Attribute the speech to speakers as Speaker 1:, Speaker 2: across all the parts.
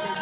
Speaker 1: Jesus,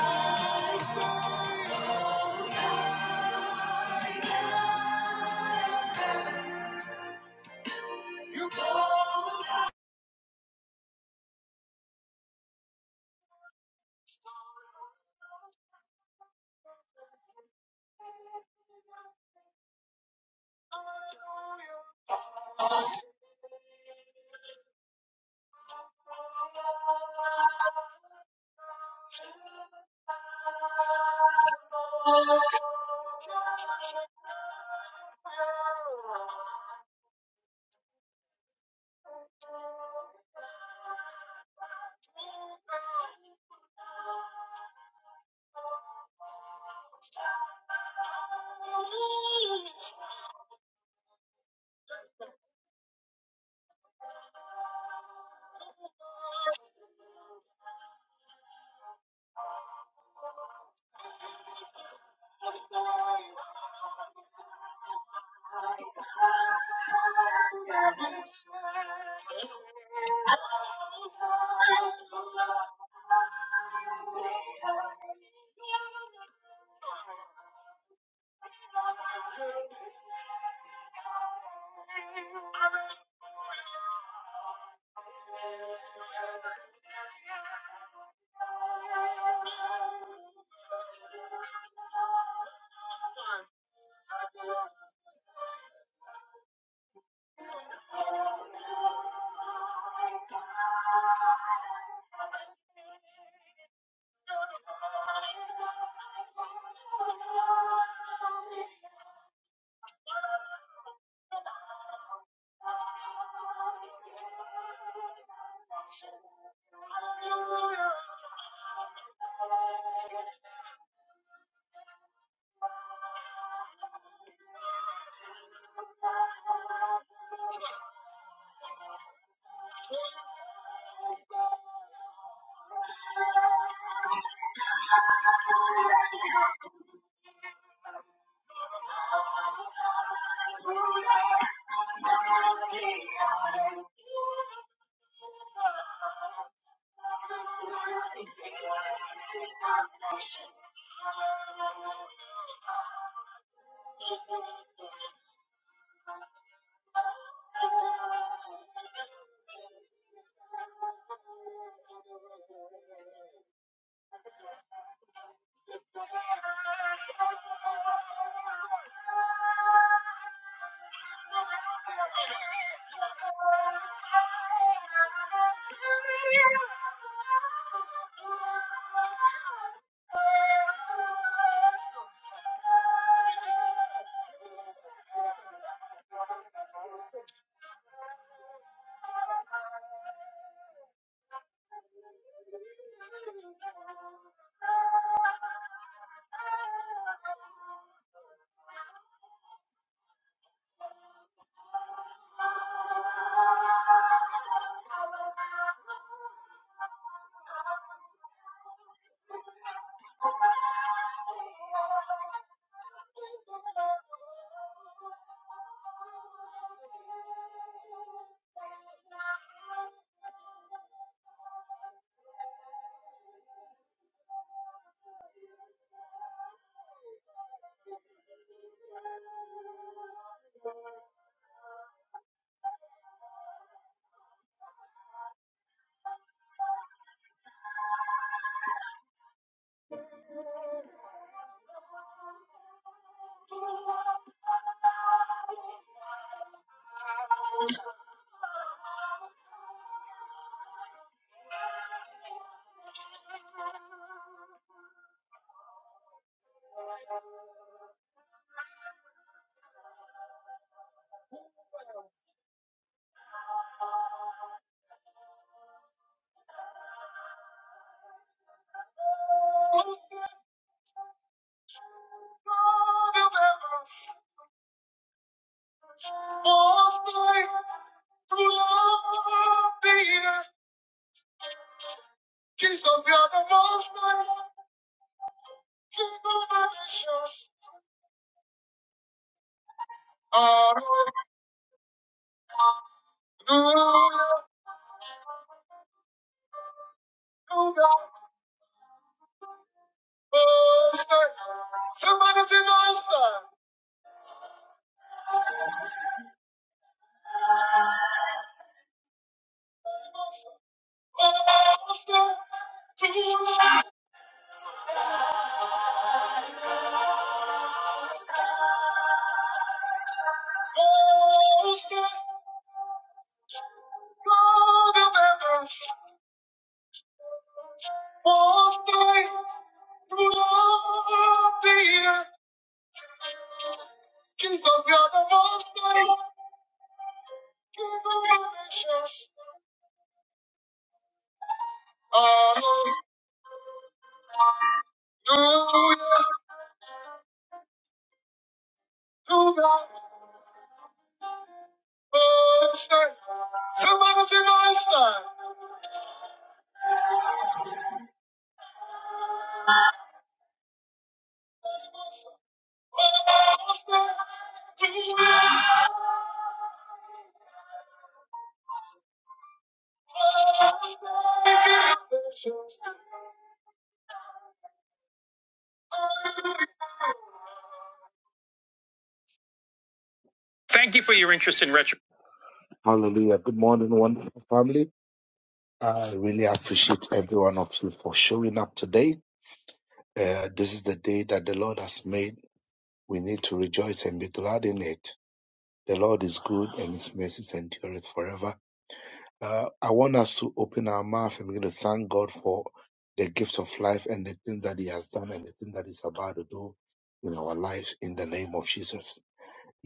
Speaker 1: you are the most high, King of the nations. Hallelujah, you are most high. Somebody say most high. Most high, you are most high, Lord of heavens. Most high, through all the your most high, King Hallelujah, to the Somebody say most high. Most high, through the most high, King of nations. Hallelujah. Hallelujah. Good morning, wonderful family. I really appreciate every one of you for showing up today. Uh, this is the day that the Lord has made. We need to rejoice and be glad in it. The Lord is good and his mercies endureth forever. Uh, I want us to open our mouth and begin to thank God for the gift of life and the things that he has done and the thing that he's about to do in our lives in the name of Jesus.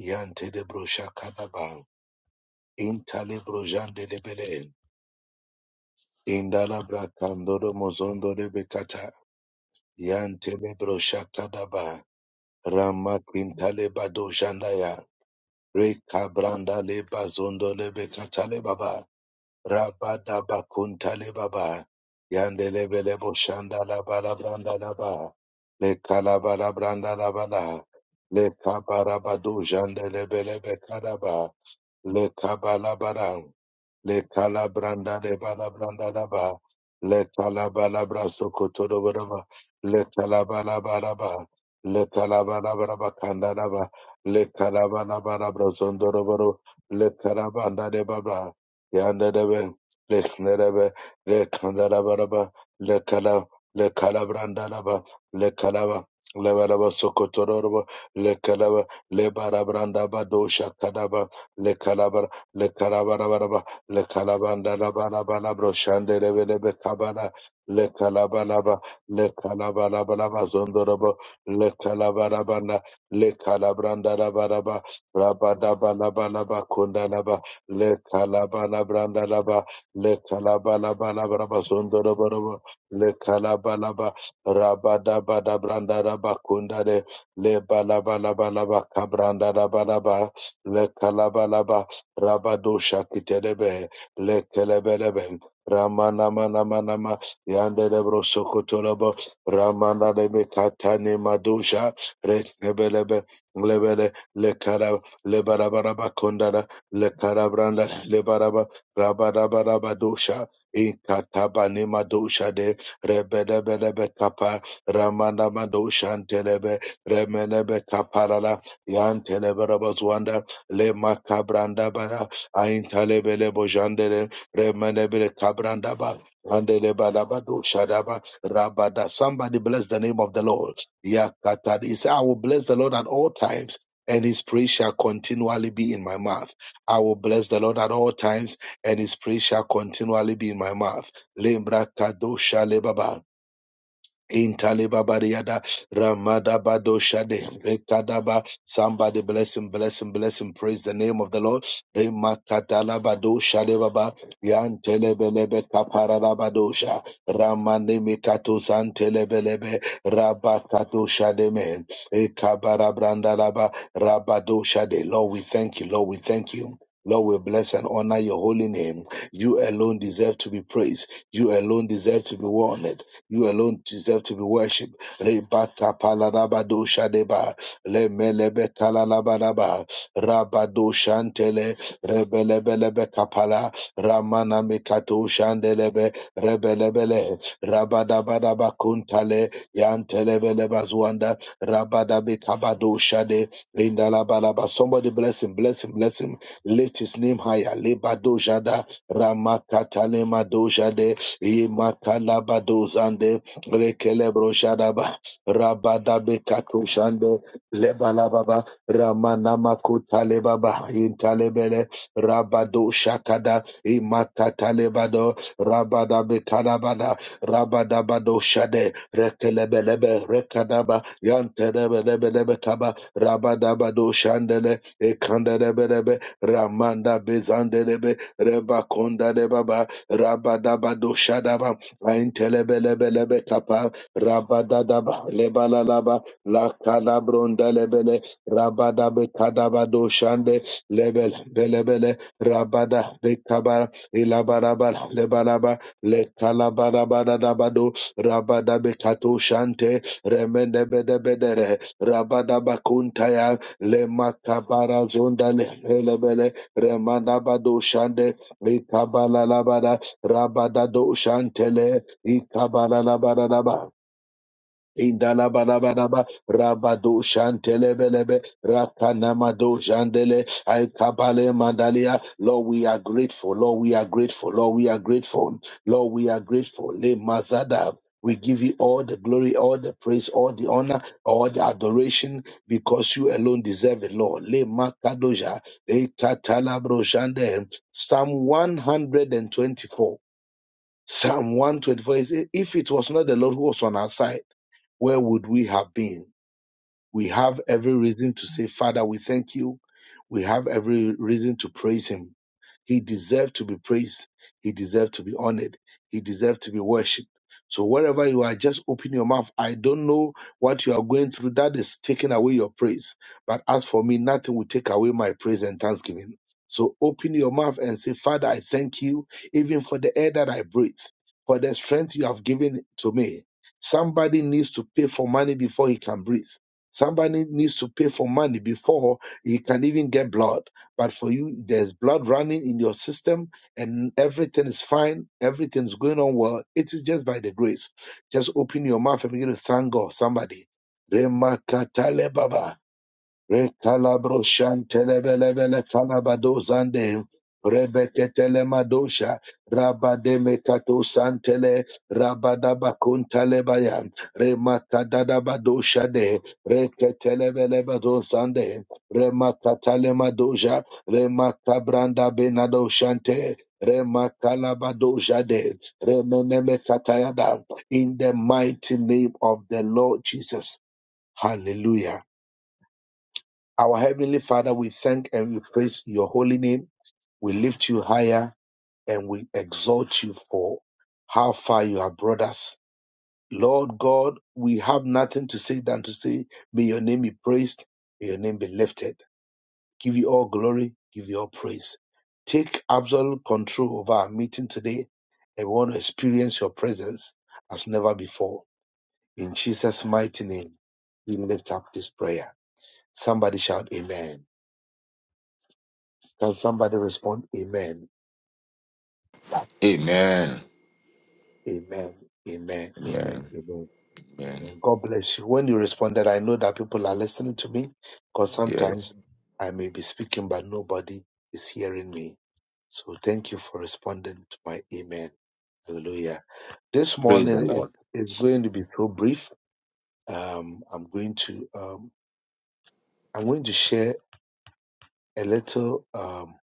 Speaker 1: Yantelebrosha kadaba, intelebrojandelebeleen. Indala brakandoro mozondo rebekata. Yantele broshata daba. Rama quintale bado jandaya. Reka branda le bazondo lebekata le baba. Rabba daba kuntale baba. Yandele bele boshanda la bara branda la ba. Le kalabara branda la bala. Le kabara bado jandele bele bekada ba. Le kabala bara. Le calabranda de balabranda daba. Le calabalabra socotodo baraba. Le calabalabaraba. Le calabalabraba candaraba. Le calabalabarabra zondoroboro. Le calabanda de babra. Yanda debe. Le nerebe. Le candarabaraba. Le cala. Le calabranda daba. Le calaba. Le baraba socotororobo. Le calaba. Le barabranda badosha kadaba. Le calabra. Le calabarabaraba le kalabanda la bala bala broshande le bele be kabala le kalabala ba le kalabala bala ba zondoro bo le kalabala bana le kalabranda la bala ba rabada bala bala ba konda la ba le kalabala branda la ba le kalabala bala bala ba zondoro bo bo le kalabala ba rabada bada branda la ba konda le le bala bala bala ba kabranda la bala ba le kalabala ba Rabadosha kitelebe lekelebelebe Ramana mana mana ma yandelebro sokotolobo Ramana lebe katani madosha rekebelebe lebele lekara lebarabaraba kondara lekarabranda lebaraba rabarabaraba dosha ikataba ne madosha de rebelebelebe kapa Ramana madosha antelebe remenebe kaparala yantelebe rabazwanda le makabranda bara aintale bele bojandere remene bele kabranda ba andele balaba do shadaba rabada somebody bless the name of the Lord yakata he said I will bless the Lord at all times and his praise shall continually be in my mouth. I will bless the Lord at all times, and his praise shall continually be in my mouth. Lembra kadosha lebaba. Intalibabariada Ramadabado Shade Rekadaba. Somebody bless him, bless him, bless him. Praise the name of the Lord. Remakatalabado Shadebaba Yantelebelebe Kaparabadosha Mikato Santelebelebe Rabakato Shademe Ekabarabrandalaba Rabado Shade. Lord, we thank you, Lord, we thank you. Lord, we bless and honor your holy name. You alone deserve to be praised. You alone deserve to be honored. You alone deserve to be worshipped. Rebata palarabado shadeba. Lemelebe talalabaraba. Rabado shantele. Rebelebelebe kapala. Ramana mikato shandelebe. Rebelebele. Rabadabadaba kuntale. Yantelebelebazuanda. Rabadabikabado shade. Lindalabalaba. Somebody bless him, bless him, bless him. Lift his name higher. Lebado jada. Ramakatale mado jade imakalabadozande rekelebroshadaba rabadabekatoshande lebalababa ramanamakutalebaba intalebele rabadoshakada imakatalebado rabadabetalabada rabadabadoshade rekelebelebe rekadaba yantelebelebelebekaba rabadabadoshandele ekandelebelebe ramanda bezandelebe reba konda de baba. Rabadabado Shadaba, Aintelebelebelebe Kapa, Rabadadaba, Lebalalaba, La Calabronda Lebele, Rabadabe Kadabado Shande, Lebel, Belebele, Rabada, Bekabara, Ilabaraba, Lebalaba, Le Calabarabadabado, Rabadabe Kato Shante, Remendebedebedere, Rabadaba Kuntaya, Le Macabara Zonda, Lebele, Remandabado Shande, Le Cabalalabada, Rabadado Shantele, Ikabanabanabanaba. Indalabanabanaba, Rabado Shantele Belebe, Rakanamado Shandele, Aikabale Mandalia. Lord, we are grateful. Lord, we are grateful. Lord, we are grateful. Lord, we are grateful. Le Mazada. We give you all the glory, all the praise, all the honor, all the adoration, because you alone deserve it, Lord. Le Makadoja, Ekatalabro Shande. Psalm 124. Psalm 124 says, If it was not the Lord who was on our side, where would we have been? We have every reason to say, Father, we thank you. We have every reason to praise him. He deserved to be praised. He deserved to be honored. He deserved to be worshipped. So wherever you are, just open your mouth. I don't know what you are going through. That is taking away your praise. But as for me, nothing will take away my praise and thanksgiving. So open your mouth and say, Father, I thank you even for the air that I breathe, for the strength you have given to me. Somebody needs to pay for money before he can breathe. Somebody needs to pay for money before he can even get blood. But for you, there's blood running in your system and everything is fine. Everything's going on well. It is just by the grace. Just open your mouth and begin to thank God. Somebody. Remakatale baba. Recalabroshan telebelebele calabadozande. Rebeketele madosha. Rabademe katosantele. Rabadabakuntalebayan. Rematadadabadosha de. Reketelebelebadozande. Remakatale madosha. Remakabranda benadoshante. Remakalabadoja de. Remeneme In the mighty name of the Lord Jesus. Hallelujah. Our Heavenly Father, we thank and we praise your holy name. We lift you higher and we exalt you for how far you have brought us. Lord God, we have nothing to say than to say, may your name be praised, may your name be lifted. Give you all glory, give you all praise. Take absolute control over our meeting today and we want to experience your presence as never before. In Jesus' mighty name, we lift up this prayer. Somebody shout, Amen. Can somebody respond? Amen.
Speaker 2: Amen.
Speaker 1: Amen. Amen. Amen.
Speaker 2: Amen.
Speaker 1: Amen.
Speaker 2: Amen.
Speaker 1: Amen. God bless you. When you responded, I know that people are listening to me because sometimes
Speaker 2: Yes.
Speaker 3: Amen.
Speaker 1: I may be speaking, but nobody is hearing me. So thank you for responding to my amen. Hallelujah. This
Speaker 2: Praise
Speaker 1: morning
Speaker 2: the Lord.
Speaker 1: is is going to be so brief. Um, I'm going to um, I'm going to share a little um,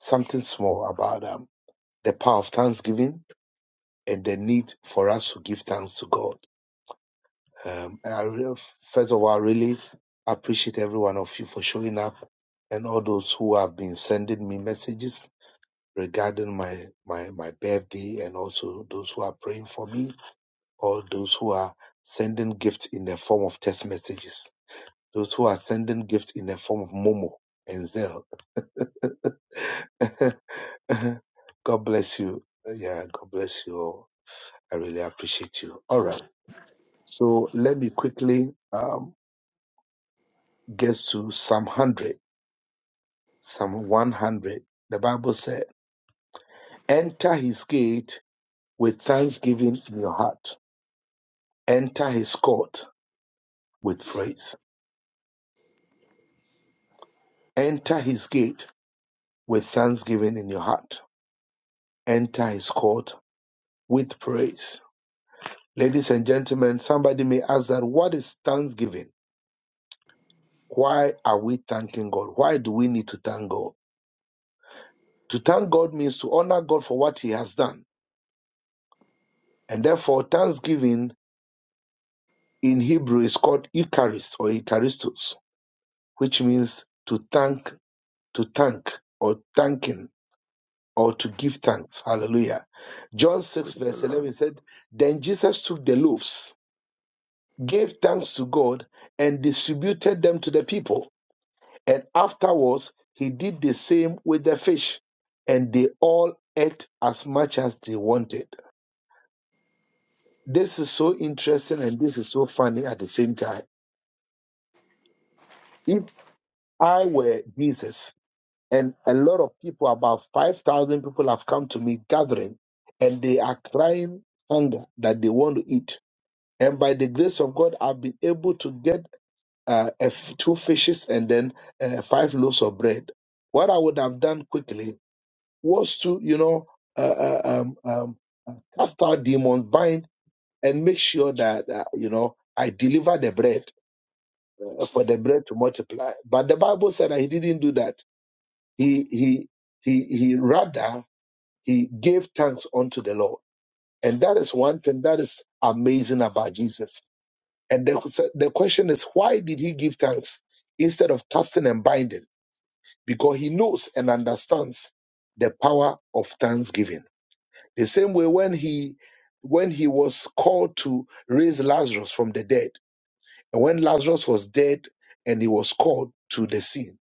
Speaker 1: something small about um, the power of thanksgiving and the need for us to give thanks to God. Um, I re- first of all, I really appreciate every one of you for showing up and all those who have been sending me messages regarding my, my, my birthday and also those who are praying for me or those who are sending gifts in the form of text messages. Those who are sending gifts in the form of Momo and Zelle. God bless you. Yeah, God bless you all. I really appreciate you. All right. So let me quickly um, get to Psalm 100. Psalm 100, the Bible said, Enter his gate with thanksgiving in your heart, enter his court with praise. Enter his gate with thanksgiving in your heart, enter his court with praise. Ladies and gentlemen, somebody may ask that what is thanksgiving? Why are we thanking God? Why do we need to thank God? To thank God means to honor God for what he has done. And therefore, thanksgiving in Hebrew is called Eucharist or Eucharistos which means to thank, to thank, or thanking, or to give thanks. Hallelujah. John 6,
Speaker 2: Praise the
Speaker 1: verse
Speaker 2: Lord.
Speaker 1: 11 said, Then Jesus took the loaves, gave thanks to God, and distributed them to the people. And afterwards, he did the same with the fish, and they all ate as much as they wanted. This is so interesting and this is so funny at the same time. If I were Jesus, And a lot of people, about 5,000 people, have come to me gathering and they are crying hunger that they want to eat. And by the grace of God, I've been able to get uh, a f- two fishes and then uh, five loaves of bread. What I would have done quickly was to, you know, uh, uh, um, um, cast out demons, bind, and make sure that, uh, you know, I deliver the bread uh, for the bread to multiply. But the Bible said that he didn't do that. He, he, he, he rather He gave thanks unto the Lord. And that is one thing that is amazing about Jesus. And the, so the question is, why did he give thanks instead of casting and binding? Because he knows and understands the power of thanksgiving. The same way when he when he was called to raise Lazarus from the dead, and when Lazarus was dead and he was called to the scene,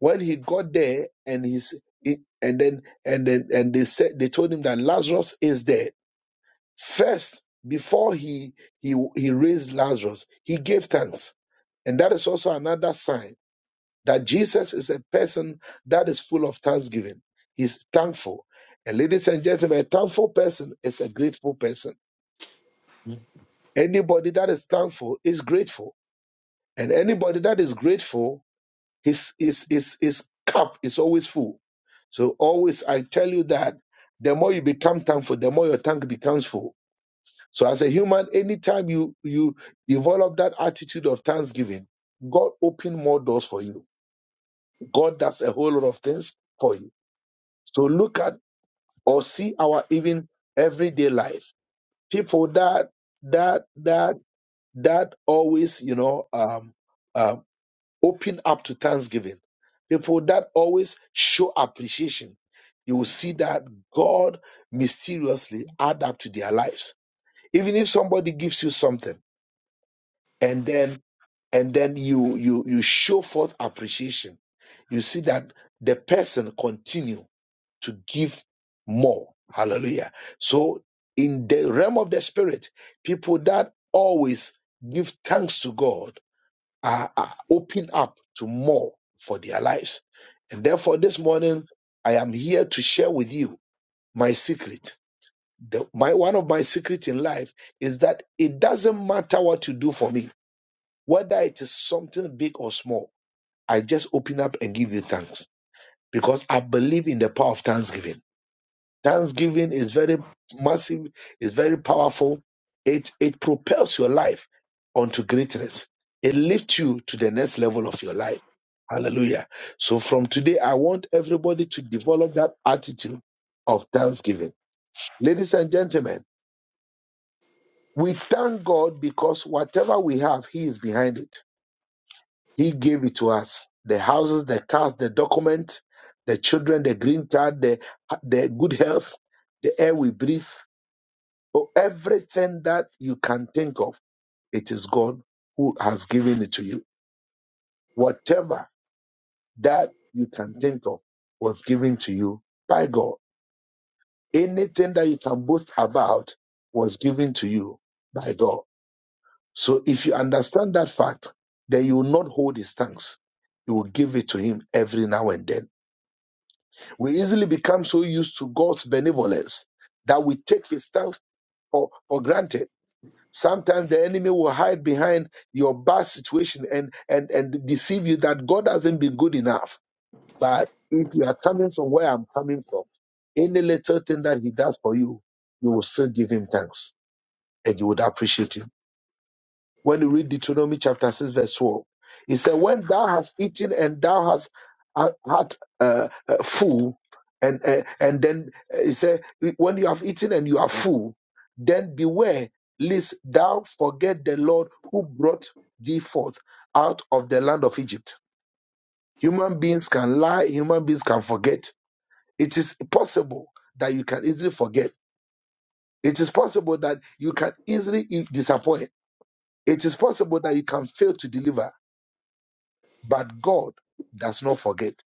Speaker 1: when he got there and he's he, and then and then and they said they told him that Lazarus is dead First, before he, he, he raised Lazarus, he gave thanks. And that is also another sign that Jesus is a person that is full of thanksgiving. He's thankful. And ladies and gentlemen, a thankful person is a grateful person.
Speaker 2: Mm.
Speaker 1: Anybody that is thankful is grateful. And anybody that is grateful, his, his, his, his cup is always full. So always I tell you that the more you become thankful, the more your tank becomes full So as a human, anytime you you develop that attitude of thanksgiving, God open more doors for you. God does a whole lot of things for you. So look at or see our even everyday life. People that that that that always you know um, um, open up to thanksgiving. People that always show appreciation. You will see that God mysteriously add up to their lives. Even if somebody gives you something and then and then you you you show forth appreciation you see that the person continue to give more hallelujah so in the realm of the spirit people that always give thanks to god are, are open up to more for their lives and therefore this morning i am here to share with you my secret the, my one of my secret in life is that it doesn't matter what you do for me whether it is something big or small I just open up and give you thanks because I believe in the power of thanksgiving. Thanksgiving is very massive, it's very powerful. It it propels your life onto greatness. It lifts you to the next level of your life. Hallelujah. So from today, I want everybody to develop that attitude of thanksgiving. Ladies and gentlemen, we thank God because whatever we have, He is behind it. He gave it to us. The houses, the cars, the documents, the children, the green card, the, the good health, the air we breathe. Oh, everything that you can think of, it is God who has given it to you. Whatever that you can think of was given to you by God. Anything that you can boast about was given to you by God. So if you understand that fact, then you will not hold his thanks. You will give it to him every now and then We easily become so used to God's benevolence that we take His stuff for, for granted. Sometimes the enemy will hide behind your bad situation and, and, and deceive you that God hasn't been good enough. But if you are coming from where I'm coming from, any little thing that He does for you, you will still give Him thanks and you would appreciate Him. When you read Deuteronomy chapter 6, verse 12, it said, When thou hast eaten and thou hast ha- had uh, uh, full, and uh, and then uh, it said, When you have eaten and you are full, then beware lest thou forget the Lord who brought thee forth out of the land of Egypt. Human beings can lie, human beings can forget. It is possible that you can easily forget. It is possible that you can easily e-, disappoint. It is possible that you can fail to deliver But God does not forget.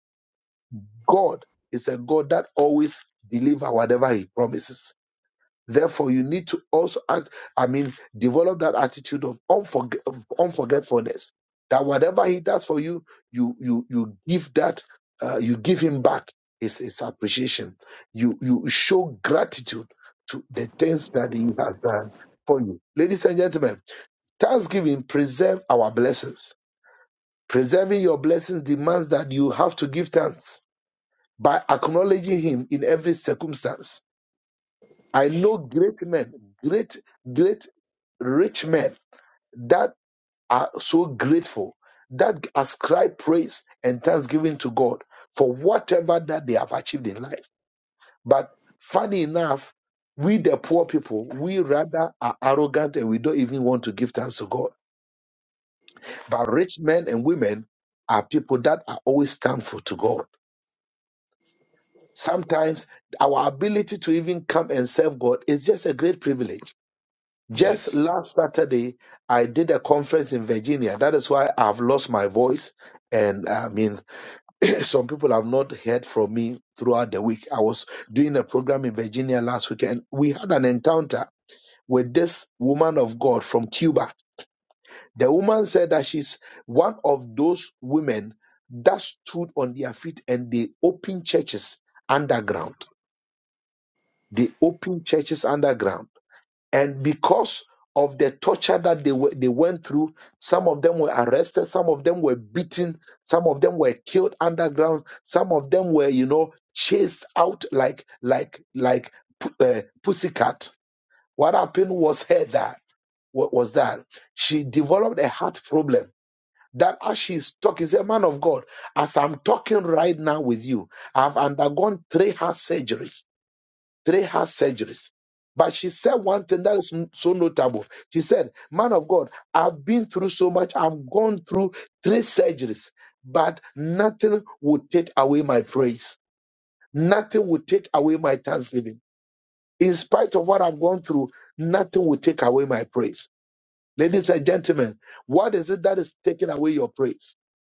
Speaker 1: God is a God that always delivers whatever He promises. Therefore, you need to also act, I mean, develop that attitude of unforg- of unforgetfulness. That whatever He does for you, you you you give that, uh, you give Him back His, his appreciation. You you show gratitude to the things that He has done for you, ladies and gentlemen. Thanksgiving preserve our blessings Preserving your blessings demands that you have to give thanks by acknowledging Him in every circumstance. I know great men, great, great, rich men that are so grateful, that ascribe praise and thanksgiving to God for whatever that they have achieved in life. But funny enough, we, the poor people, we rather are arrogant and we don't even want to give thanks to God. But rich men and women are people that are always thankful to God Sometimes our ability to even come and serve God is just a great privilege. Just
Speaker 2: Yes.
Speaker 1: last Saturday, I did a conference in Virginia. That is why I've lost my voice. And I mean, some people have not heard from me throughout the week. I was doing a program in Virginia last weekend. We had an encounter with this woman of God from Cuba. The woman said that she's one of those women that stood on their feet and they opened churches underground They opened churches underground. And because of the torture that they were, they went through, some of them were arrested, some of them were beaten, some of them were killed underground, some of them were, you know, chased out like like like pu- uh, pussycat. What happened was Heather what was that she developed a heart problem. That as she's talking, say, man of God, as I'm talking right now with you, I've undergone three heart surgeries three heart surgeries. But she said one thing that is m- so notable. She said, Man of God, I've been through so much. I've gone through three surgeries, but nothing would take away my praise. Nothing would take away my thanksgiving. In spite of what I've gone through, nothing will take away my praise. Ladies and gentlemen, what is it that is taking away your praise?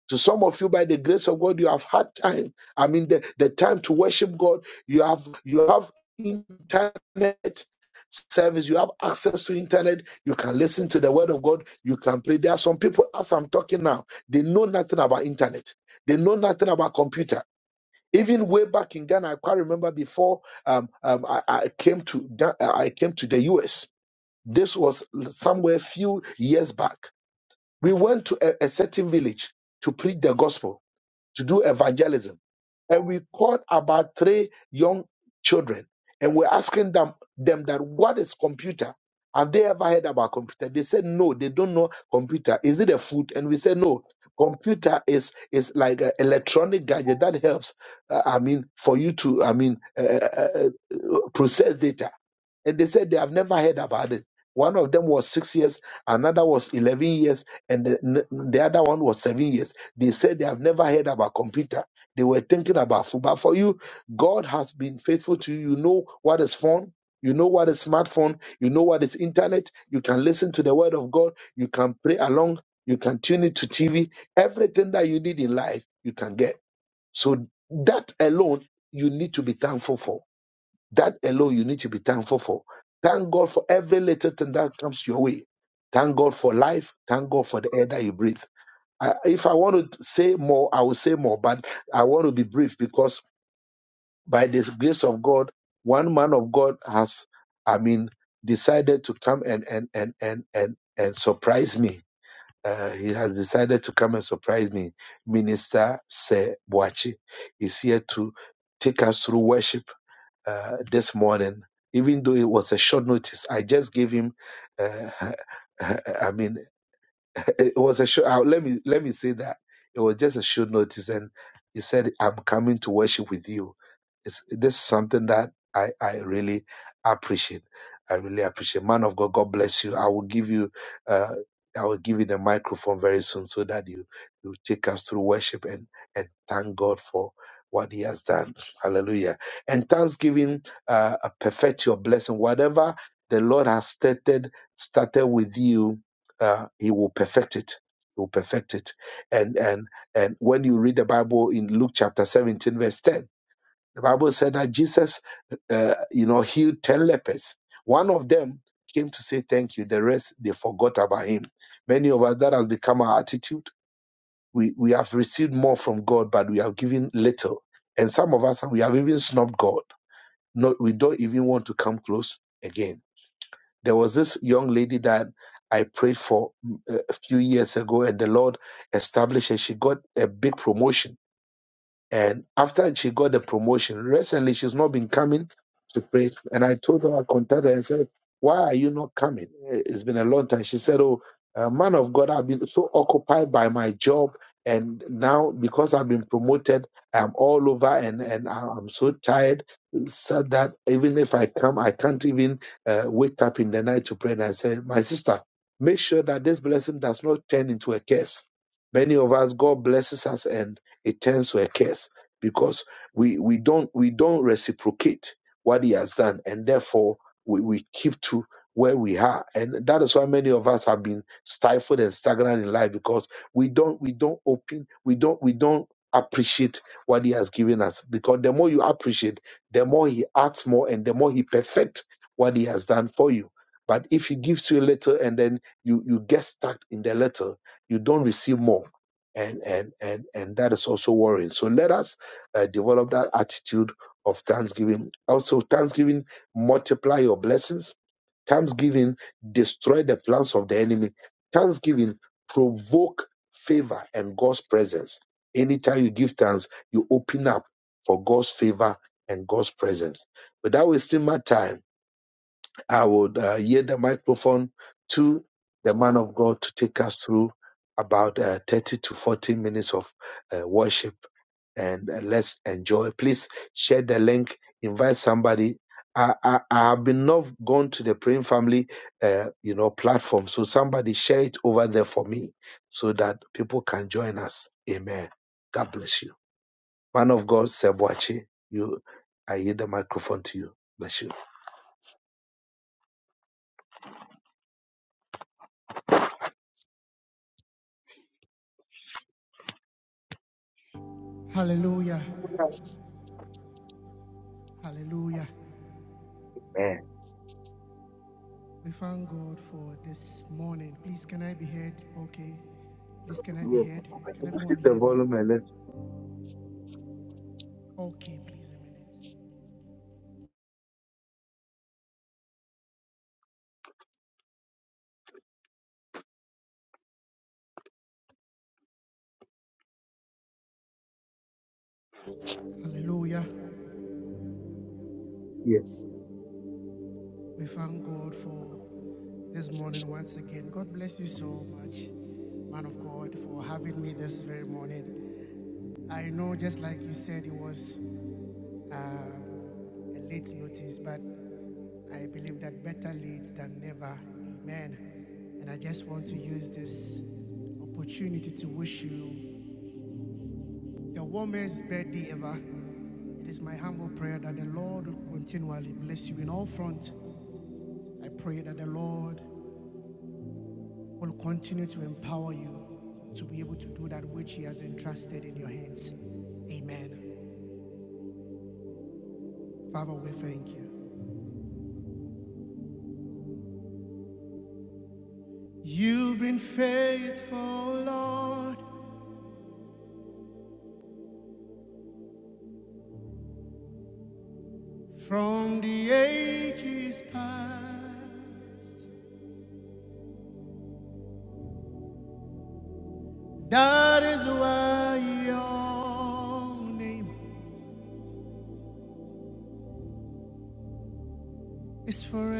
Speaker 1: To some of you, by the grace of God, you have had time. I mean, the, the time to worship God. You have you have internet service. You have access to internet. You can listen to the word of God. You can pray. There are some people, as I'm talking now, they know nothing about internet. They know nothing about computer. Even way back in Ghana, I quite remember before um, um, I, I came to Ga- I came to the US. This was somewhere few years back. We went to a a certain village to preach the gospel to do evangelism. And we called about three young children and we're asking them, them that what is computer? Have they ever heard about computer? They said no, they don't know computer. Is it a food? And we said no. Computer is is like an electronic gadget that helps. uh, I mean, for you to I mean uh, uh, uh, process data and they said they have never heard about it. One of them was six years, another was 11 years, and the, the other one was seven years. They said they have never heard about computer. They were thinking about food. But for you, God has been faithful to you. You know what is phone. You know what is smartphone. You know what is internet. You can listen to the word of God. You can pray along. You can tune it to TV. Everything that you need in life, you can get. So that alone, you need to be thankful for. That alone you need to be thankful for. Thank God for every little thing that comes your way. Thank God for life. Thank God for the air that you breathe. I, if I want to say more, I will say more, but I want to be brief because by the grace of God, one man of God has, I mean, decided to come and and and and and, and surprise me. Uh, he has decided to come and surprise me. Minister Se Boachi is here to take us through worship uh, this morning, even though it was a short notice. I just gave him, uh, I mean, it was a show. uh, Let me let me say that it was just a show notice, and he said, "I'm coming to worship with you." It's this is something that I I really appreciate. I really appreciate, man of God. God bless you. I will give you. Uh, I will give you the microphone very soon so that you you take us through worship and and thank God for what He has done. Hallelujah. And thanksgiving uh, perfect your blessing. Whatever the Lord has started started with you uh, he will perfect it. He will perfect it. And and and when you read the Bible in Luke chapter 17, verse 10, the Bible said that Jesus, uh, you know, healed 10 lepers. One of them came to say thank you. The rest, they forgot about him. Many of us, that has become our attitude. We, we have received more from God, but we have given little. And some of us, we have even snubbed God. Not, we don't even want to come close again there was this young lady that I prayed for mm, a few years ago, and the Lord established her. She got a big promotion and after she got the promotion, recently she's not been coming to pray. And I told her, I contacted her and said, Why are you not coming? Eh, It's been a long time. She said, Oh, uh, man of God, I've been so occupied by my job. And now, because I've been promoted, I'm all over and, and I- I'm so tired. So that even if I come, I can't even uh, wake up in the night to pray. And I said, My sister, make sure that this blessing does not turn into a curse. Many of us, God blesses us, and it turns to a curse because we we don't we don't reciprocate what he has done and therefore we, we keep to where we are and that is why many of us have been stifled and stagnant in life because we don't we don't open we don't we don't appreciate what he has given us because the more you appreciate the more he acts more and the more he perfects what he has done for you but if he gives you a little and then you you get stuck in the little you don't receive more and and and and that is also worrying. So let us uh, develop that attitude of thanksgiving. Also, thanksgiving multiply your blessings. Thanksgiving destroy the plans of the enemy. Thanksgiving provoke favor and God's presence. Anytime you give thanks, you open up for God's favor and God's presence. Without wasting my time. I would uh, yield the microphone to the man of God to take us through about uh, 30 to 40 minutes of uh, worship and uh, let's enjoy. Please share the link, invite somebody. I, I, I have been not gone to the praying family, uh, you know, platform. So somebody share it over there for me so that people can join us. Amen. God bless you. Man of God, Sebwachi, you, I yield the microphone to you. Bless you.
Speaker 4: Hallelujah. Hallelujah.
Speaker 1: Amen.
Speaker 4: We thank God for this morning. Please, can I be heard? Okay. Please, can I be
Speaker 1: Yeah,
Speaker 4: heard? Can
Speaker 1: keep
Speaker 4: everyone?
Speaker 1: the volume and let
Speaker 4: Okay, please, a minute. Hallelujah.
Speaker 1: Yes.
Speaker 4: We thank God for this morning once again. God bless you so much, man of God, for having me this very morning. I know, just like you said, it was. Uh, a late notice, but I believe that better late than never. Amen. And I just want to use this opportunity to wish you the warmest birthday ever. It is my humble prayer that the Lord will continually bless you in all front. I pray that the Lord will continue to empower you to be able to do that which He has entrusted in your hands. Amen. Father, we thank you. You've been faithful, Lord. From the ages past, that is why your name is forevermore.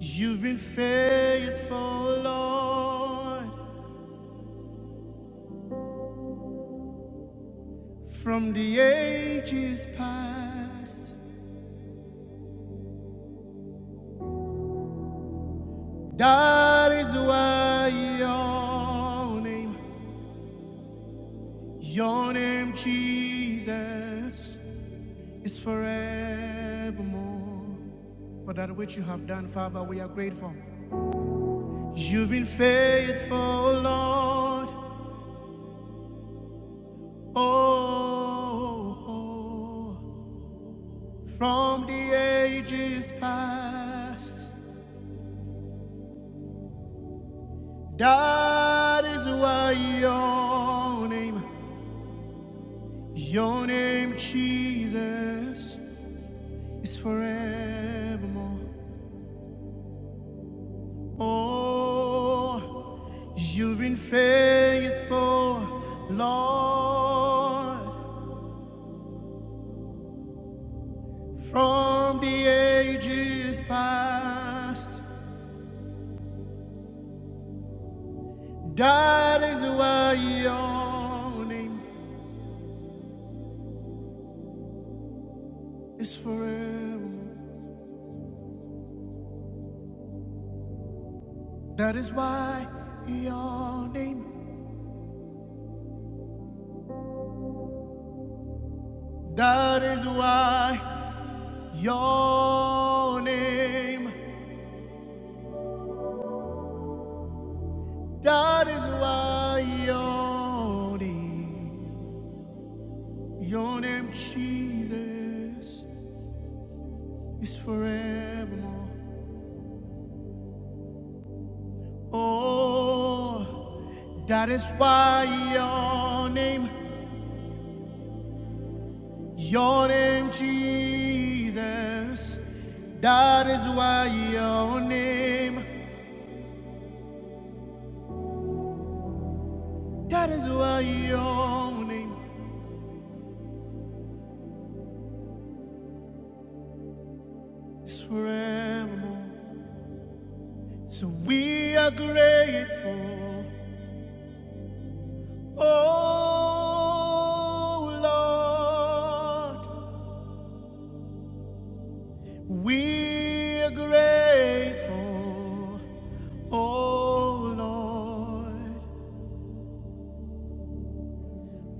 Speaker 4: You've been faithful, Lord, from the ages past. That is why your name, your name, Jesus. is forevermore. For that which you have done, Father, we are grateful. You've been faithful, Lord. Oh, oh. from the ages past. That is why your name, your name, Jesus, is forevermore. Oh, You've been faithful, Lord, from the ages past. That is why your name is forever. That is why your name. That is why your name. That is why your name. Your name, Jesus. is forevermore. Oh, that is why your name, your name, Jesus. That is why your name, that is why your name is forevermore. So we are grateful. Oh, Lord. We're grateful, oh Lord,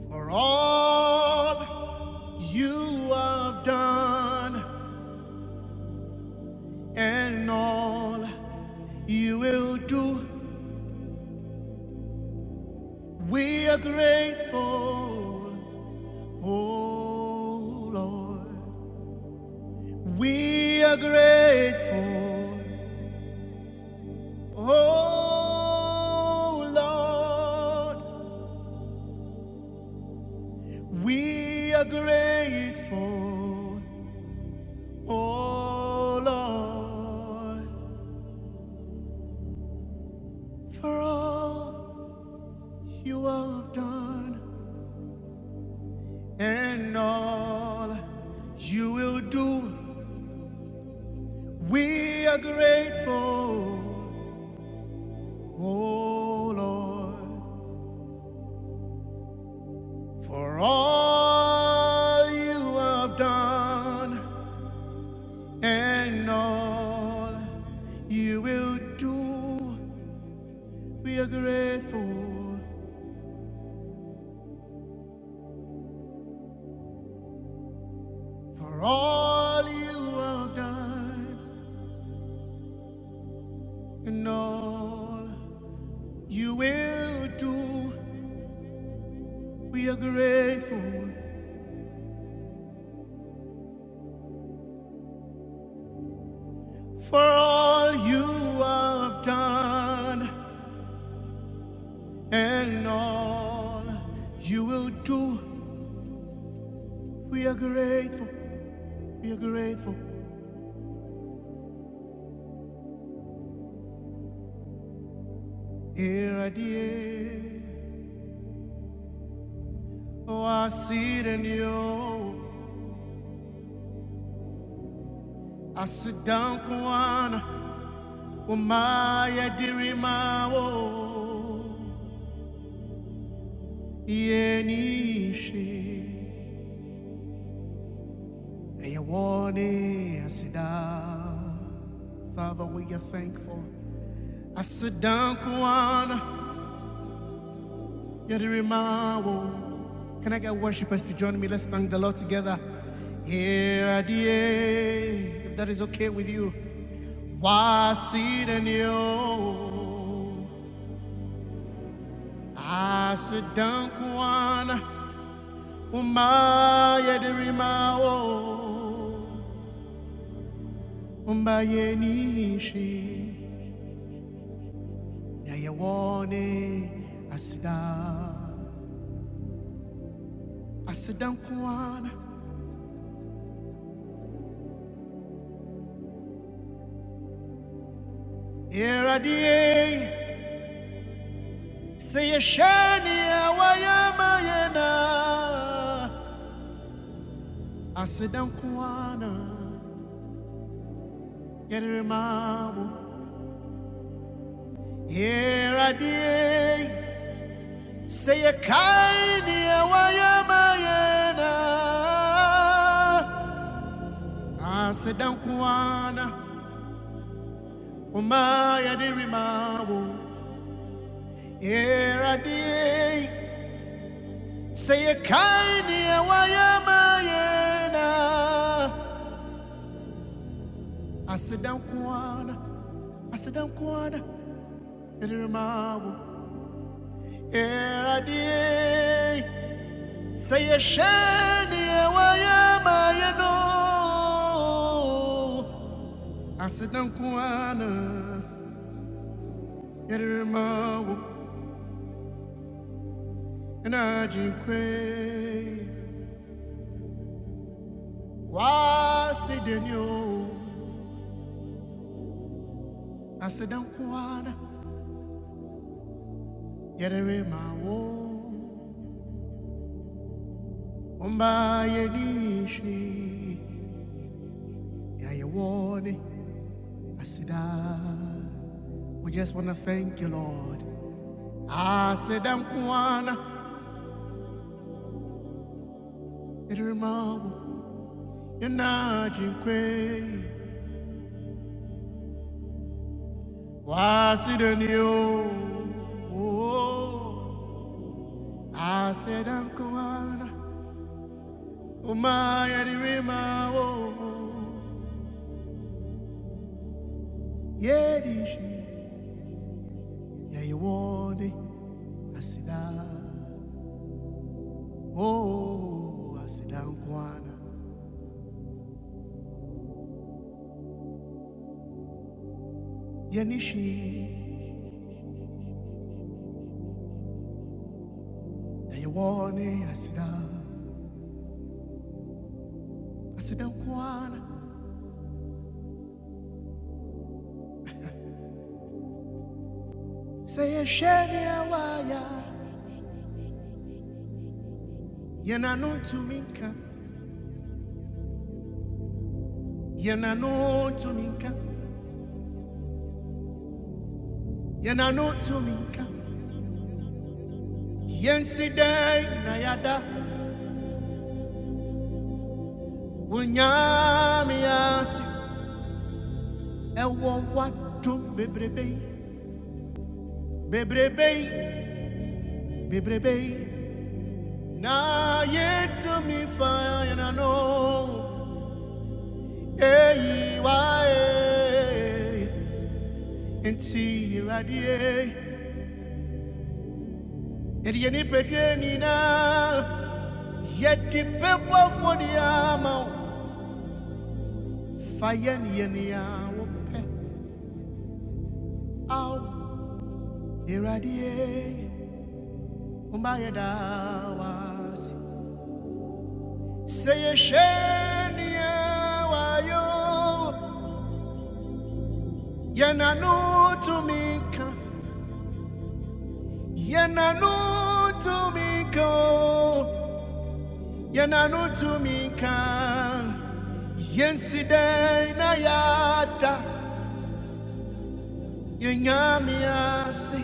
Speaker 4: for all you have done and all you will do. We are grateful, oh Lord. We are grateful, oh Lord. We are grateful, oh Lord, for all you have done and all you will do. We are grateful, oh Lord, for all you have done and all you will do. We are grateful. for all you have done and all you will do. We are grateful for all you have done and all you will do. We are grateful, we are grateful. Here I dear. Oh, I see it in you. I sit down, Kwana. Oh, my, I dear, oh. yenishi eyawone asida father we are thankful asidankwana yadirimawo can i get worshipers to join me let's thank the lord together yeah adie if that is okay with you wasidanyo asidankwana umaya dirimawo mbaye niishi nyayewone asida asida nkwana eradiye seyeshani awayamayena asida nkwana yeremabo eradiye seyekaini awayamayena asida nkwana Uma ya Umaya era di say kaini awaya mayena asidan kwana asidan kwana rimawo Era di say a shani awaya mayeno asidan kwana dirimawo na jinkwe Wasi denyo asedan kwana yerere ma wo umba yenishi ya yewone asida we just want to thank you lord asedan kwana yerere ma wo yana jinkwe wasi denyo oh asedan kwana umba yerere ma yerishi yayiwone asida oh asida nkwana yenishi yayiwone asida asida nkwana Say sheni awaya yenanotuminka yenanotuminka yenanotuminka yensidai nayada wonyamiasi ɛwɔ watom bebrebe yi bebrebe bebrebe bebrebe Na yetu mifanya na no Eyi wa e Enti radie Edi yeni pedye nina Yeti pepo fodi ama Fayen yeni ya wope Au Iradie Umaye dawasi Seye sheni ya wayo Yenanu tumika Yenanutumiko, tumika, Yensidei Nayata, Yenyamiasi,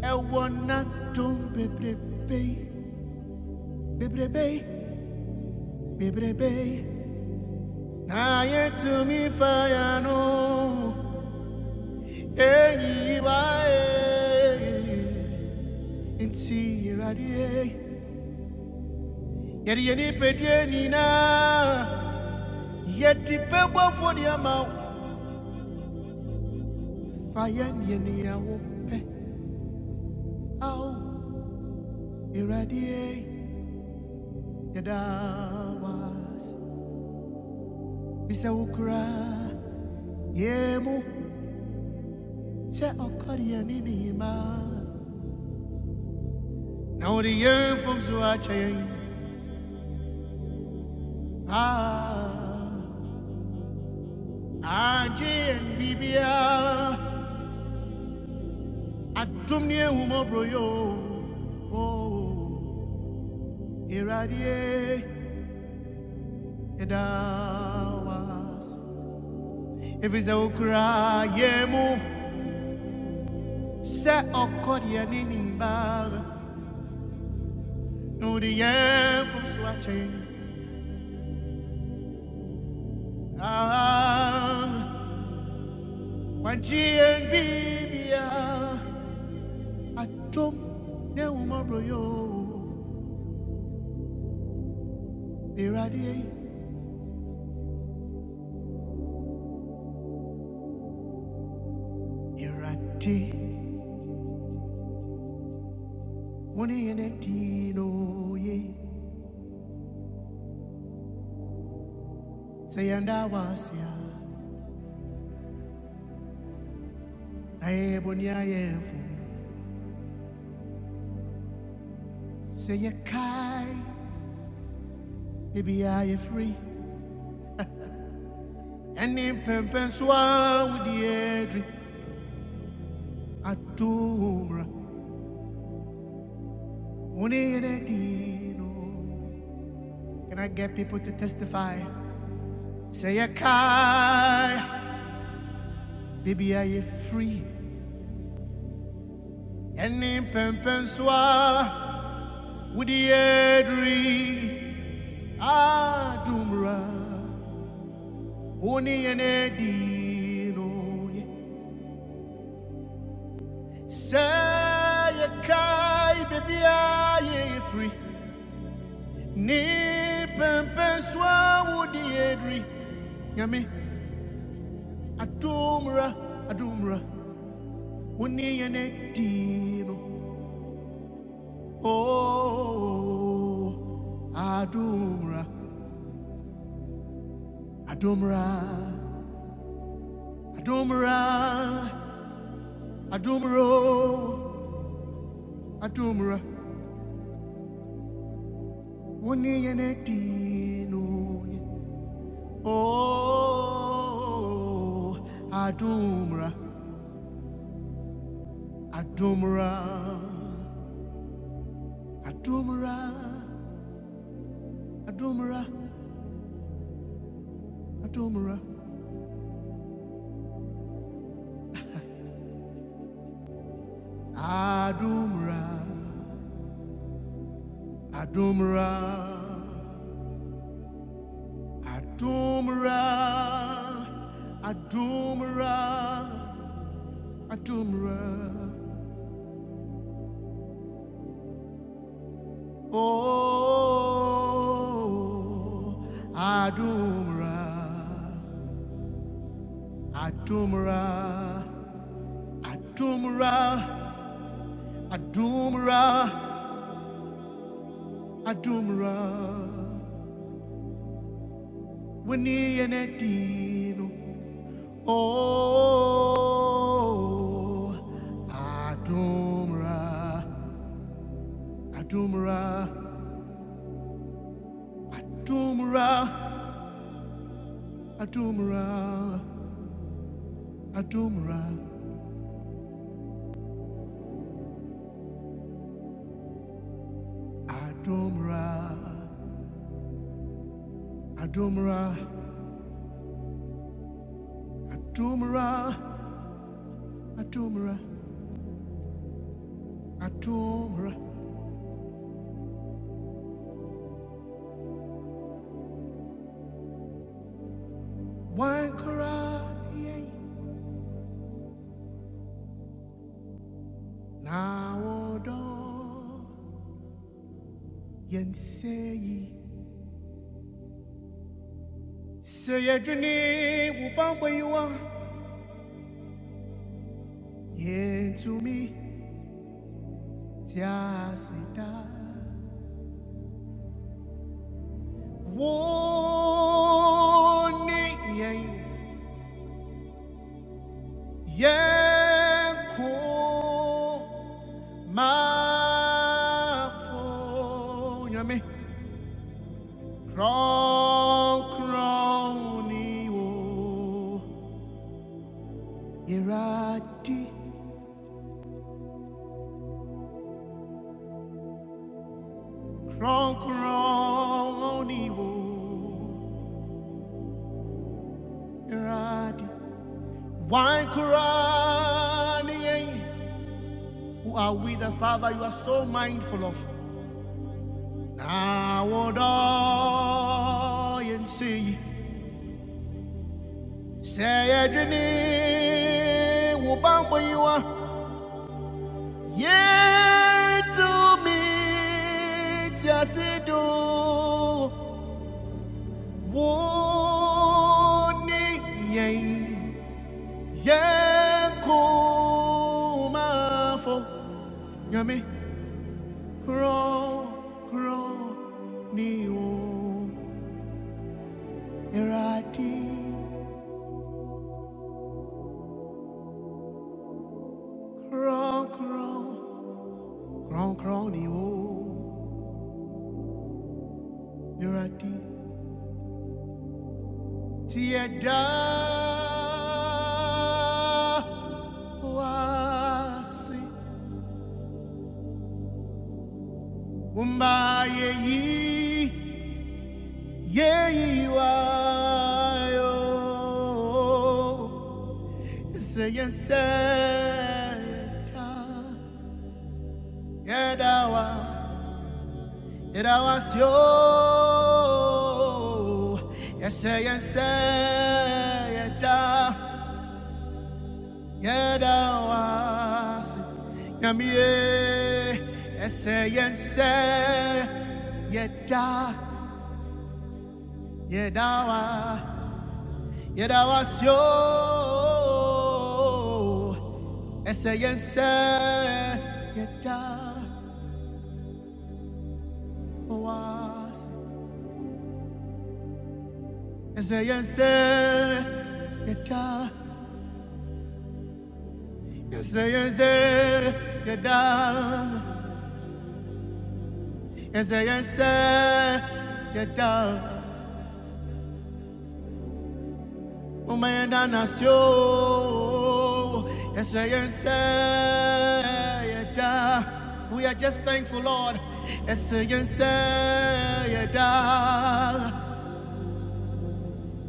Speaker 4: Ewanatum Bebrebe, Bebrebe, Bebrebe, Nayetumi Fayano, Eniwae, Inti Radie, Yeri Yeni Pedie Nina. Yeti pebwa fodi ama fire nyeni wope Oh, iradi yada was bisa ukra yemu she okari ya nini ma na odi from so achayen ah aje en bibia atum ne oh iradi yada was evize okura yemu se okodia ninimba no the yem from ninimbara nudiye fuswache an wanchien bibia atom ne umobroyo iradie irati wuni ene tino ye se yanda wasia na ebonia yefu se yekai ebia ye free Any pempen with the edry atumra dino. Can I get people to testify? Say a car, baby, are you free? Any pempen swa with the edry atumra dino. Say a car, baby, are you free? ne pɛmpɛ so a wode yɛ nyame adomra adomra wo ne yɛ Oh, adumra, adumra, adumra, adumro, adumra. adomra adomro adomra wo ne yɛ no dii no Adumra, Adumra, Adumra, Adumra, Adumra, Adumra, Adumra, Adumra, oh, Adumra, Adumra, Adumra, Adumra, Adumra, Winnie and Edino. Oh, Adumra, Adumra, Adumra, Adumra, Adumra, Adumra, Adumra, Adumra, Adumra, Adumra, Wankarani, Naodo, Yensei, Sayajani, Wubamba, you are, Yen to me. Jasita Warning Yeko Mafo Yami Crown Crowny Wo Iradi Crown Crowny Wo Iradi Wine Crowny who are with the Father you are so mindful of. Now would I and see, say a journey, Wubamba you are, yea to me, Tiasido, Woni, yea, yea, Kuma for, Yummy, Crow, Crow, Neo. Irati, I did, crown, crown, crown, irati. Tieda wasi Here I did, tear Wumba ye ye, ye Say and say, ta, yeah, wa. Era was yo. Yes, eh, yes, eh, yeda, yeda was. Yamie, yes, eh, yes, eh, was yo. Yes, eh, yes, eh, Yes, eh, yes, eh, Yes, eh, yes, eh, you're down. Yes, eh, yes, eh, Oh, nation. Yes, eh, yes, eh, We are just thankful, Lord. Yes, eh, yes, eh, you're down.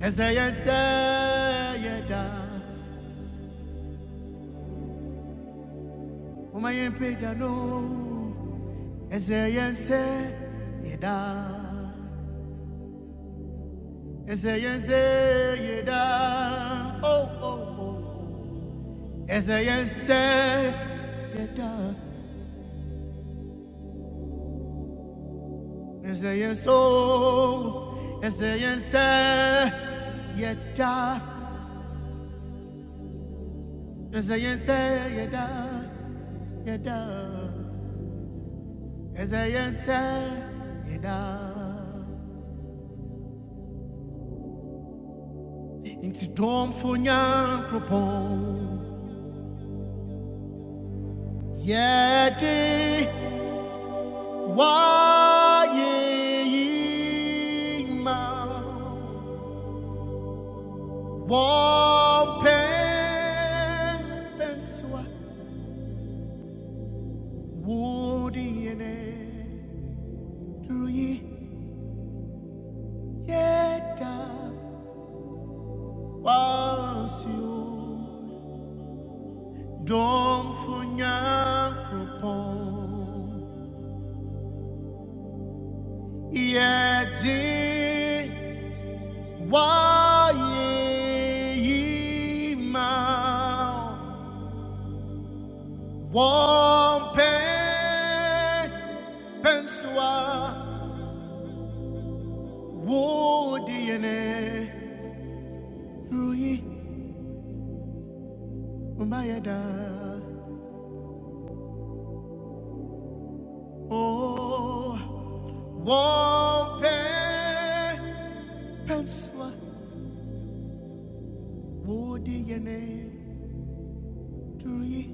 Speaker 4: Yes, eh, yes, eh, Oh, no. Yes, eh, yes, eh, Ezeyezeyeda, oh, oh, oh, oh. Ezeyezeyeda, ezeyezo, ezeyezeyeda, ezeyezeyeda, yeda, ezeyezeyeda. Into Dom for Yankropon. Yeah, Wayima Wampen Pensua Woodiene Drui Yeda Wasio Dom Funyan Kropon Yedi Wayima Wampe penswa wodiene rui umayeda oh wampe penswa wodiene rui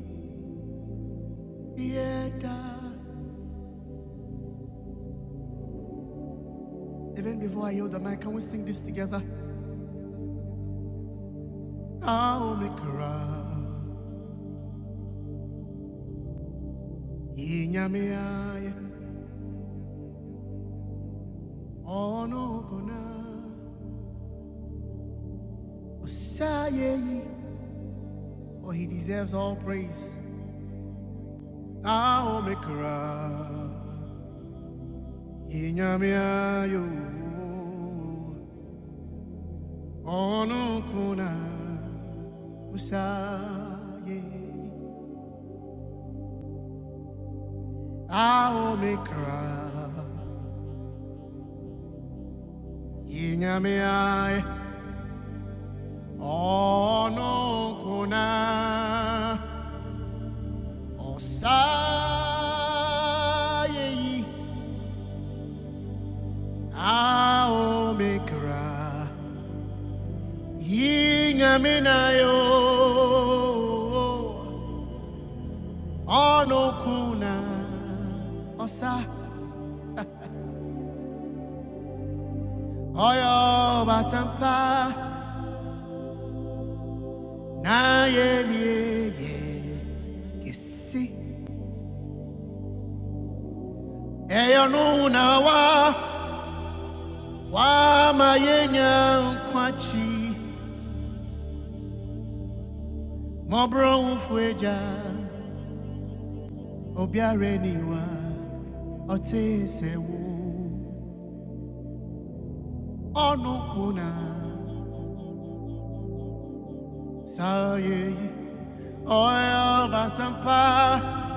Speaker 4: yeda even before I yield the mic can we sing this together I'll make her Inyamia ono gona. Osaye, oh, he deserves all praise. Aomekra, Inyamia, yo, Onokuna, Osaye, Aomekra, Inyamia, Onokuna, Osaye, Aomekra. yingaminayo onokuna osa oyo batampa Na ye, ye kesi eyonuna wa wa wamayenya nkwachi mọbụrụ mfueja obiareniwa ọtị sewu ọnụ kwụ na sayeyi Aya bata pa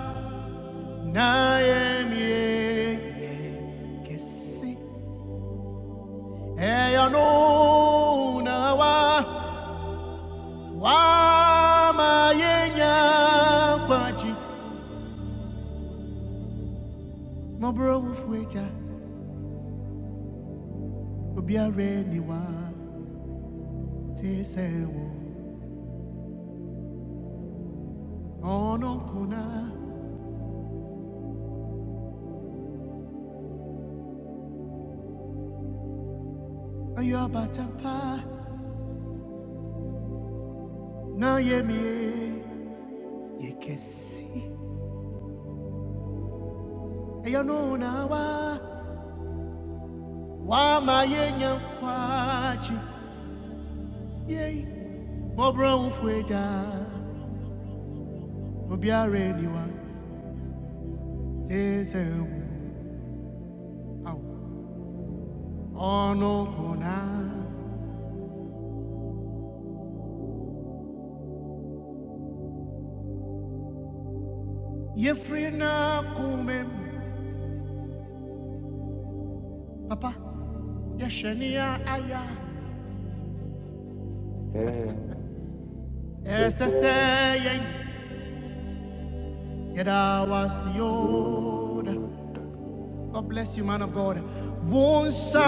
Speaker 4: na yemiye yekesi, aya no na wa wa mayenyakuachi. Mabroku fweja ubiare niwa tese wo ono kuna. Aya bata pa na yemiye yekesi, aya no na wa wa mayenyakuachi. Yei, mo bro un fueja, mo biare liwa, tese wu, au, ono kona. yefrina kumem, papa, ye shenia aya, ese se yen, yeda was yoda. God bless you, man of God. Wonsa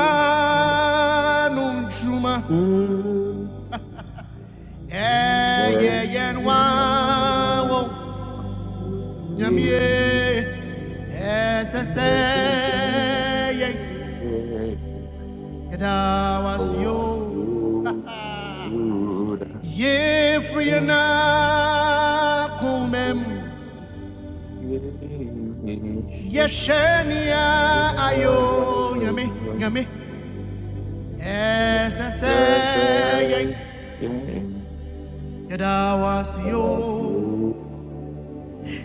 Speaker 4: num juma,
Speaker 1: All
Speaker 4: eh, yeah, yeah, wow. Nyamie SSA
Speaker 2: And the Lord
Speaker 4: Kedawas
Speaker 2: was
Speaker 4: yo
Speaker 2: good. Good time.
Speaker 4: Ye
Speaker 2: Well, He was
Speaker 4: friena
Speaker 2: good. Was
Speaker 4: kumem
Speaker 2: good. Good. Yes.
Speaker 4: Yeshenia
Speaker 2: Thank
Speaker 4: ayo Nyame
Speaker 2: you.
Speaker 4: nyami,
Speaker 2: And
Speaker 4: SSA
Speaker 2: better as you
Speaker 4: Kedawas yo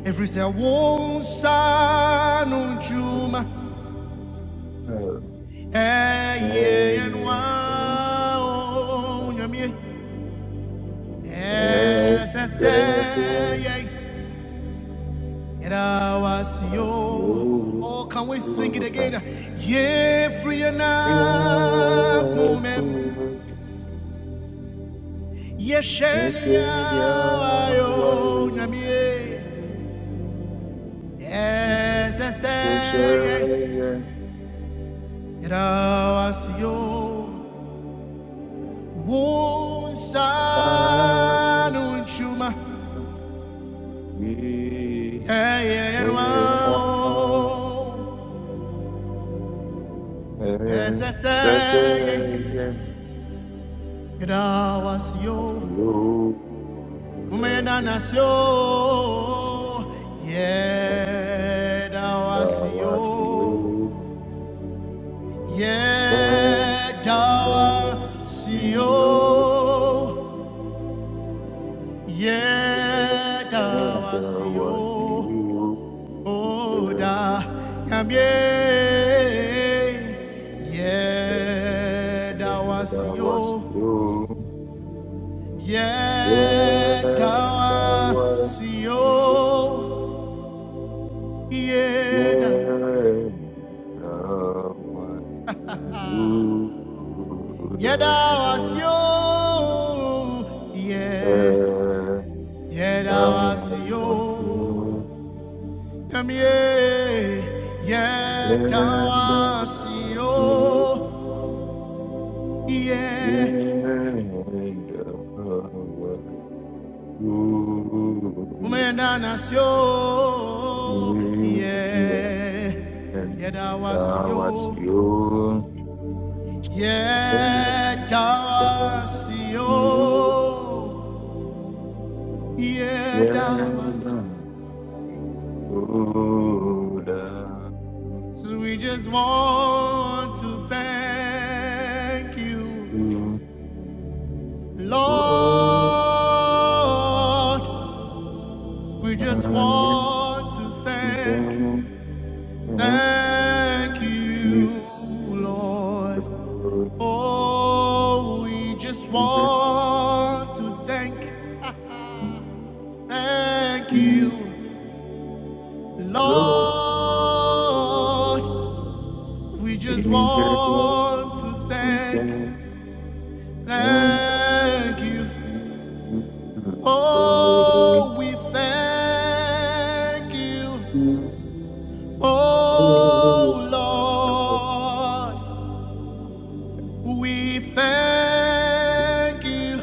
Speaker 4: Every say won sanum chuma
Speaker 2: are.
Speaker 4: Eh yeah and wow Yes, I
Speaker 2: We
Speaker 4: say, I was you. Oh, can we sing it again? Yeah, free and
Speaker 2: are a
Speaker 4: I come.
Speaker 2: fool,
Speaker 4: Yes,
Speaker 2: and we are wild.
Speaker 4: Yes, I
Speaker 2: We
Speaker 4: say,
Speaker 2: shall
Speaker 4: and I was you. Wounds are no chuma.
Speaker 2: find. Ye-
Speaker 4: Yeah, yeah, yeah,
Speaker 2: Lord, and
Speaker 4: wow. Yes, I
Speaker 2: the
Speaker 4: say,
Speaker 2: Savior has been
Speaker 4: Grabación,
Speaker 2: ruled and
Speaker 4: humedad nació, yeah,
Speaker 2: I was
Speaker 4: grabación,
Speaker 2: you.
Speaker 4: yeah,
Speaker 2: And I was
Speaker 4: grabación,
Speaker 2: you. And I
Speaker 4: yeah,
Speaker 2: was
Speaker 4: grabación,
Speaker 2: you. And
Speaker 4: oda, cambie, yeah,
Speaker 2: I was
Speaker 4: grabación,
Speaker 2: you.
Speaker 4: yeah,
Speaker 2: When I was
Speaker 4: grabación.
Speaker 2: you, when
Speaker 4: yeda
Speaker 2: I was you,
Speaker 4: yeda
Speaker 2: the
Speaker 4: wasio ye
Speaker 2: when I
Speaker 4: yeda wasio
Speaker 2: was you,
Speaker 4: ye
Speaker 2: when
Speaker 4: yeda
Speaker 2: I was
Speaker 4: wasio
Speaker 2: you, when
Speaker 4: ye
Speaker 2: I was you,
Speaker 4: umeenda nasio ye
Speaker 2: the when
Speaker 4: yeda
Speaker 2: I was
Speaker 4: wasio
Speaker 2: you.
Speaker 4: yeda wasio yeda wasio So we just want to thank you, Lord. We just want to thank, thank you, Lord. Oh, we just want to thank, thank you, Lord.
Speaker 2: Lord,
Speaker 4: We just
Speaker 2: In your
Speaker 4: want to
Speaker 2: glory,
Speaker 4: thank,
Speaker 2: Son, and
Speaker 4: thank you.
Speaker 2: You, know
Speaker 4: Oh, we thank you. Oh, Lord. We thank you.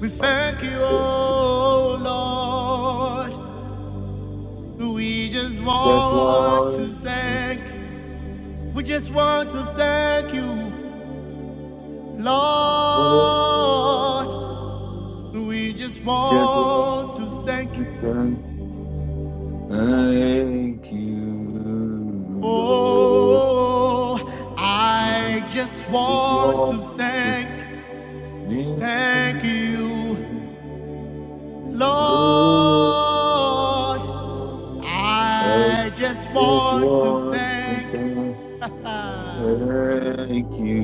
Speaker 4: We thank you, oh, Lord. We just
Speaker 2: Just
Speaker 4: want to
Speaker 2: one, to
Speaker 4: thank. We just want to thank you, Lord.
Speaker 2: know,
Speaker 4: We just
Speaker 2: just
Speaker 4: want to
Speaker 2: one,
Speaker 4: thank.
Speaker 2: just Thank you,
Speaker 4: Oh,
Speaker 2: Lord.
Speaker 4: I just
Speaker 2: Just
Speaker 4: want to
Speaker 2: want to
Speaker 4: thank, thank
Speaker 2: thank
Speaker 4: you,
Speaker 2: Lord,
Speaker 4: Lord.
Speaker 2: I
Speaker 4: I just
Speaker 2: just
Speaker 4: want to
Speaker 2: want
Speaker 4: thank.
Speaker 2: to thank you,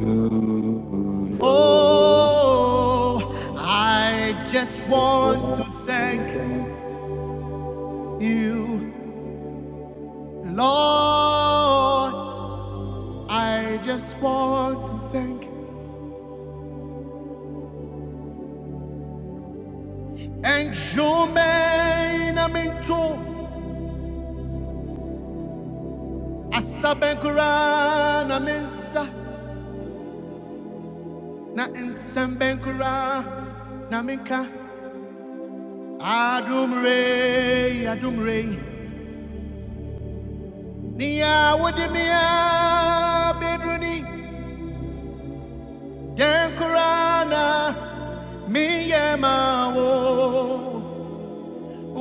Speaker 2: Lord.
Speaker 4: oh, I just
Speaker 2: Just
Speaker 4: want to
Speaker 2: want to
Speaker 4: thank
Speaker 2: thank
Speaker 4: you, Lord. I just want to thank. And Shumain, I'm in tune. Asabenkura na minsa na nsembenkura na minka adumre adumre niya wudimiya bedruni denkura na miyema wo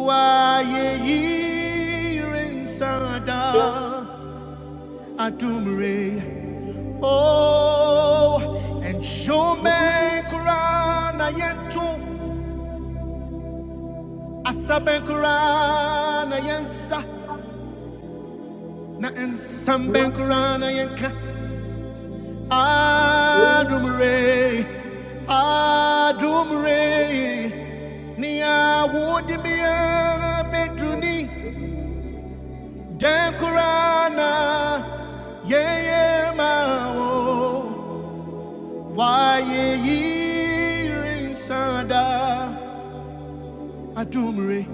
Speaker 4: wa ye yirin adumre oh and shumenkura na yentu Asaben Kurana Yansa Na Ensamben Kurana Yanka Adumre Adumre Nia Wodimiana Beduni Den Kurana Yeye Mao Waye Yirin Sada Adumre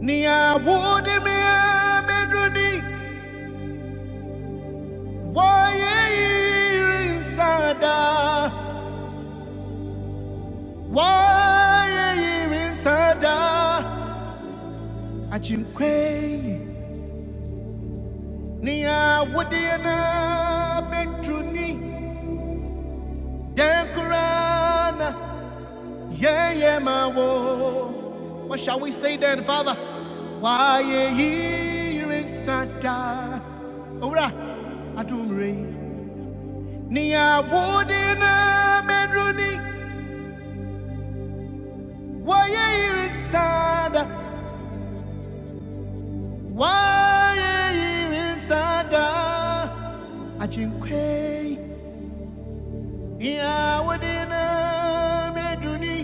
Speaker 4: Nia Wodimiana Beduni Why sada? Why sada? Achinkwe ni awodiana betruni dankurana yeah yeah my wo. What shall we say then, Father? Why ye in sada? Ora adumre ni awodiana betruni why ye in sada? Why sada achinkwe ya wadina meduni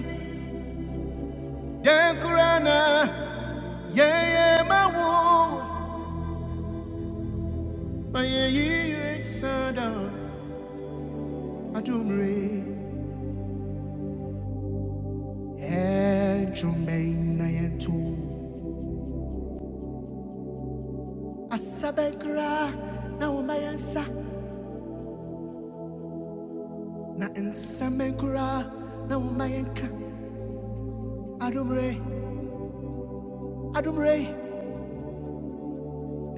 Speaker 4: denkurana ye mawo maye sada adumre enchume na yentu asabenkra na umayensa na ensamenkra na umayenka adumre adumre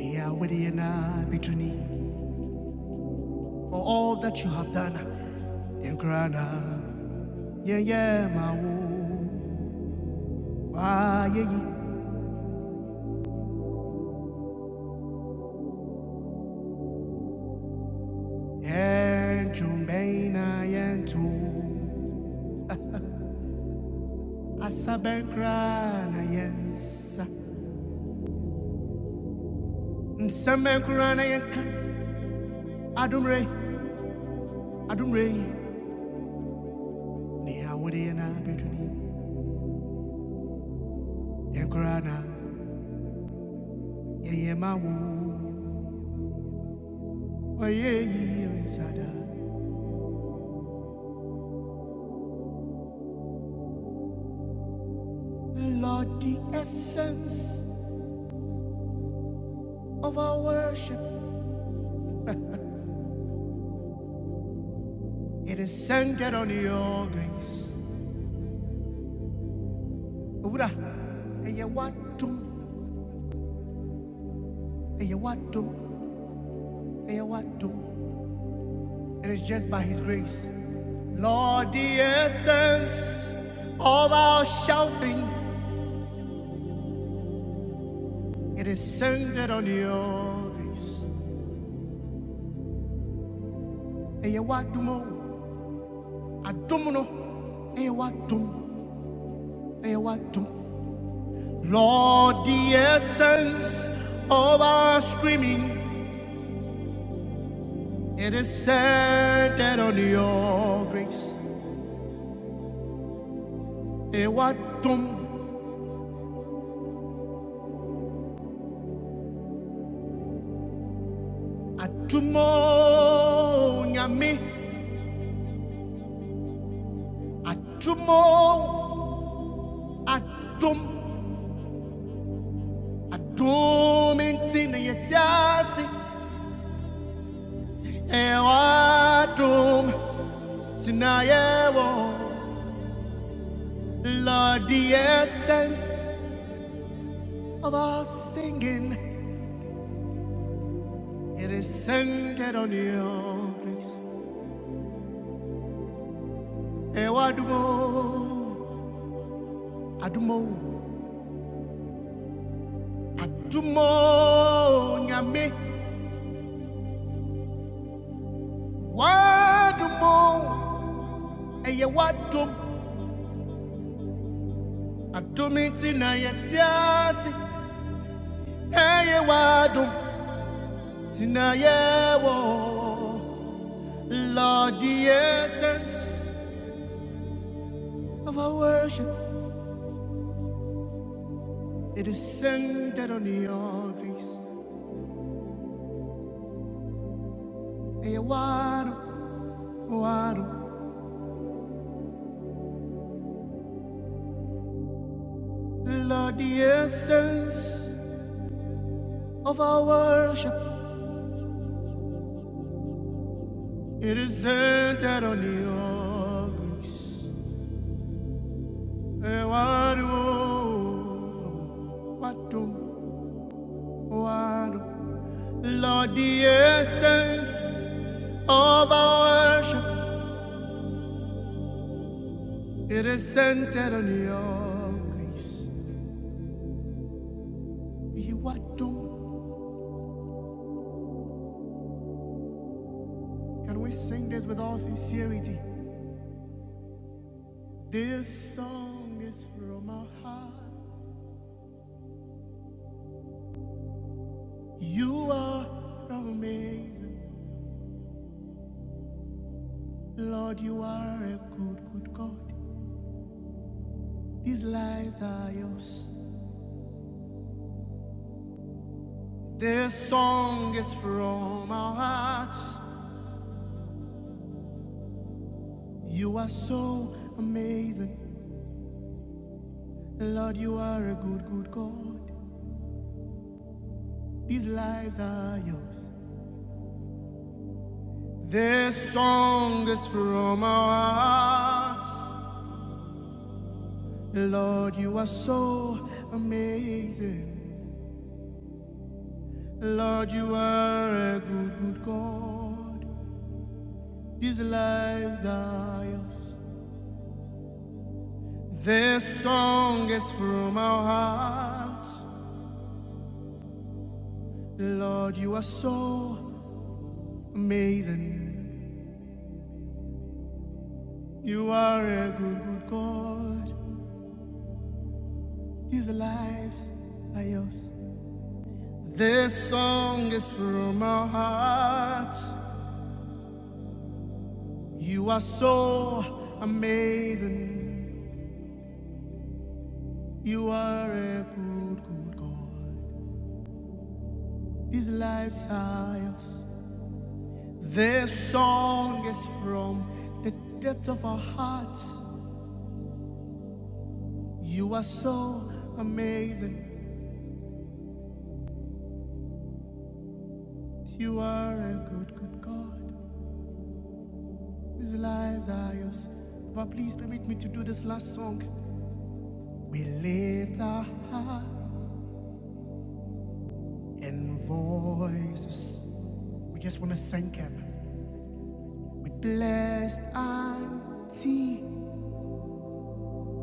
Speaker 4: ya wadina biduni for all that you have done in Ghana. Yeah, yeah, my woo. Why, yeah, yeah. And Jumbaina, yeah, too. Asaben Krana, yes. And Nsaben Krana, yeah, Adumre, Adumre. Nia, what do you know, Biduni? In Ghana, yeah, yeah, my woo. Oh, yeah, yeah, yeah, Sada. Lord, the essence of our worship. It is centered on your grace. Owura, ɛyɛ w'adom, It is just by His grace. Lord, the essence of our shouting, it is centered on your grace. Ɛyɛ w'adom no, ɛyɛ w'adom, Lord, the essence of our screaming, it is centered on your grace. ewatom atomo nyame atomo atom adom nti na yɛte ase ewatom tena yɛwɔ lord the essence of our singing it is centered on your grace ewadomo adumo, adumo, nyame Wadumo, eye wadum, adumi tina ye tiasi, eye wadum, tina ye wo. Lord, the essence of our worship, it is centered on your grace. Eye wadum, wadum, Lord, the essence of our worship, it is centered on your grace. Ewaru, watu, waru. Lord, the essence of our worship, it is centered on your grace. You Can we sing this with all sincerity? This song is from our heart. You are amazing. Lord, you are a good, good God. These lives are yours. This song is from our hearts. You are so amazing. Lord, you are a good, good God. These lives are yours. This song is from our hearts. Lord, you are so amazing. Lord, you are a good, good God. These lives are yours. This song is from our hearts. Lord, you are so amazing. You are a good, good God. These lives are yours. This song is from our hearts. You are so amazing. You are a good, good God. These lives are yours. This song is from the depth of our hearts. You are so amazing. You are a good, good God. These lives are yours. But please permit me to do this last song. We lift our hearts and voices. We just want to thank Him. We blessed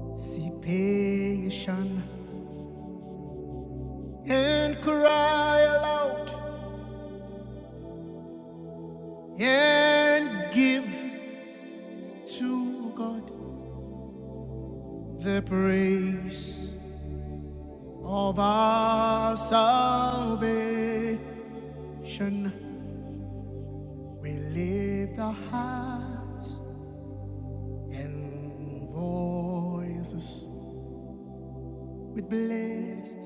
Speaker 4: anticipation and cry aloud and give to God the praise of our salvation. we lift our hearts and voices with blessed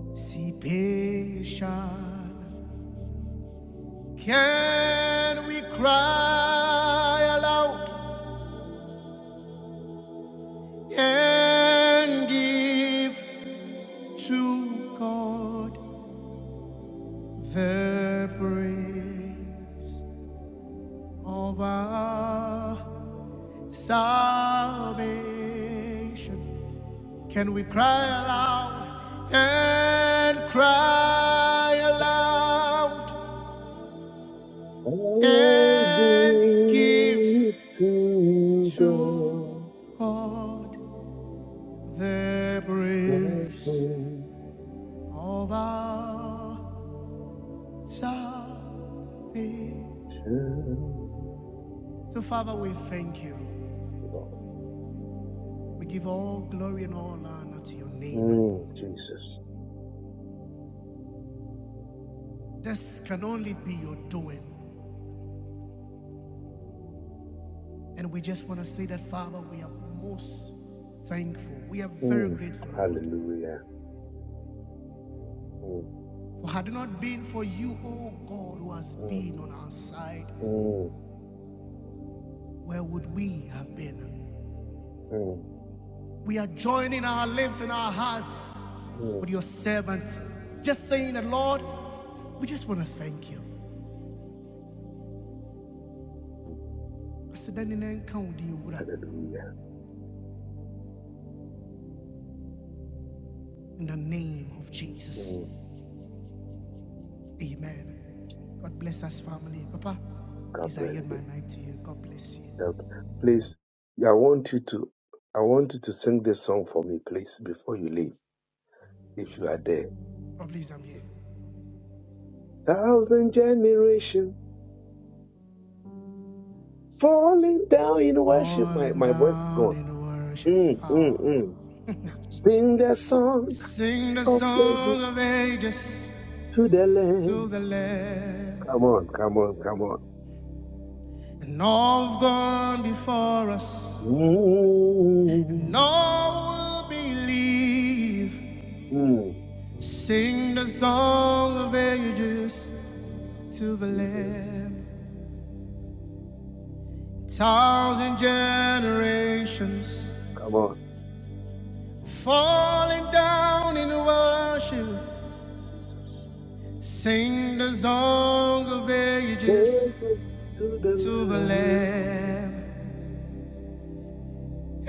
Speaker 4: anticipation. Can we cry aloud and give to God the praise of our salvation? Can we cry aloud and cry aloud and give
Speaker 1: give to God,
Speaker 4: God the
Speaker 1: my
Speaker 4: praise
Speaker 1: portion.
Speaker 4: of our salvation? So, Father, we thank you. We give all glory and all honor to your name.
Speaker 1: Mm, Jesus.
Speaker 4: This can only be your doing. And we just want to say that, Father, we are most thankful. We are very
Speaker 1: Mm,
Speaker 4: grateful, Lord.
Speaker 1: hallelujah. Mm,
Speaker 4: For had it not been for you, O God, who has
Speaker 1: mm,
Speaker 4: been on our side,
Speaker 1: mm,
Speaker 4: where would we have been?
Speaker 1: mm,
Speaker 4: We are joining our lips and our hearts with
Speaker 1: mm.
Speaker 4: your servant, just saying that, Lord, we just want to thank you. Asidani nenka udiura,
Speaker 1: Hallelujah.
Speaker 4: In the name of Jesus.
Speaker 1: Mm,
Speaker 4: Amen. God bless us, family. Papa,
Speaker 1: God
Speaker 4: please
Speaker 1: bless
Speaker 4: give
Speaker 1: you.
Speaker 4: my mic to you. God bless you.
Speaker 1: Okay. Please, I want you to I want you to sing this song for me, please, before you leave, if you are there.
Speaker 4: Oh, please, I'm here.
Speaker 1: Thousand generation falling down in worship. My my voice is
Speaker 4: On
Speaker 1: gone.
Speaker 4: in worship.
Speaker 1: Mm, mm, mm. Sing the song
Speaker 4: Sing the
Speaker 1: of
Speaker 4: song
Speaker 1: praise
Speaker 4: of ages
Speaker 1: to the
Speaker 4: to
Speaker 1: Lamb.
Speaker 4: the land.
Speaker 1: Come on, come on, come on.
Speaker 4: And all have gone before us,
Speaker 1: Mm,
Speaker 4: and all will believe.
Speaker 1: mm.
Speaker 4: Sing the song of ages to the Lamb. Thousand generations
Speaker 1: Come on,
Speaker 4: falling down in worship.
Speaker 1: Jesus.
Speaker 4: Sing the song of ages
Speaker 1: Praise to the
Speaker 4: to the
Speaker 1: Lamb.
Speaker 4: Lamb.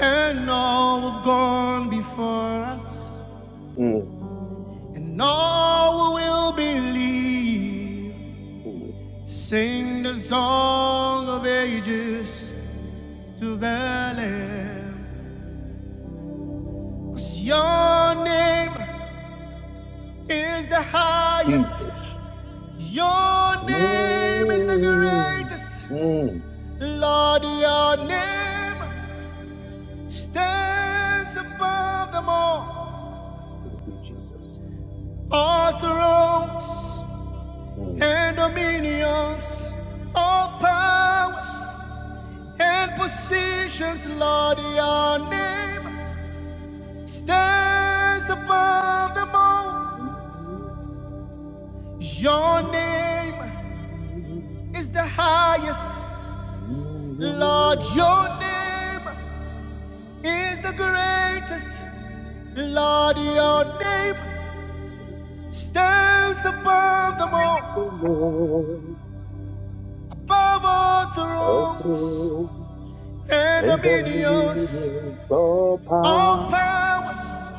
Speaker 4: And all have gone before us,
Speaker 1: Mm,
Speaker 4: and all will believe.
Speaker 1: mm.
Speaker 4: Sing the song of ages to the Lamb, 'Cause your name is the highest.
Speaker 1: Jesus.
Speaker 4: Your name is the
Speaker 1: Mm.
Speaker 4: greatest.
Speaker 1: Mm.
Speaker 4: Lord, your name stands above them all.
Speaker 1: Thank you, Jesus.
Speaker 4: All thrones
Speaker 1: Mm.
Speaker 4: and dominions, all powers and positions, Lord, your name stands above them all. Your name is the highest, Lord. Your name is the greatest, Lord. Your name stands above them all, above all
Speaker 1: oh,
Speaker 4: throne
Speaker 1: true
Speaker 4: and
Speaker 1: and
Speaker 4: dominions,
Speaker 1: believing, so
Speaker 4: all
Speaker 1: power
Speaker 4: powers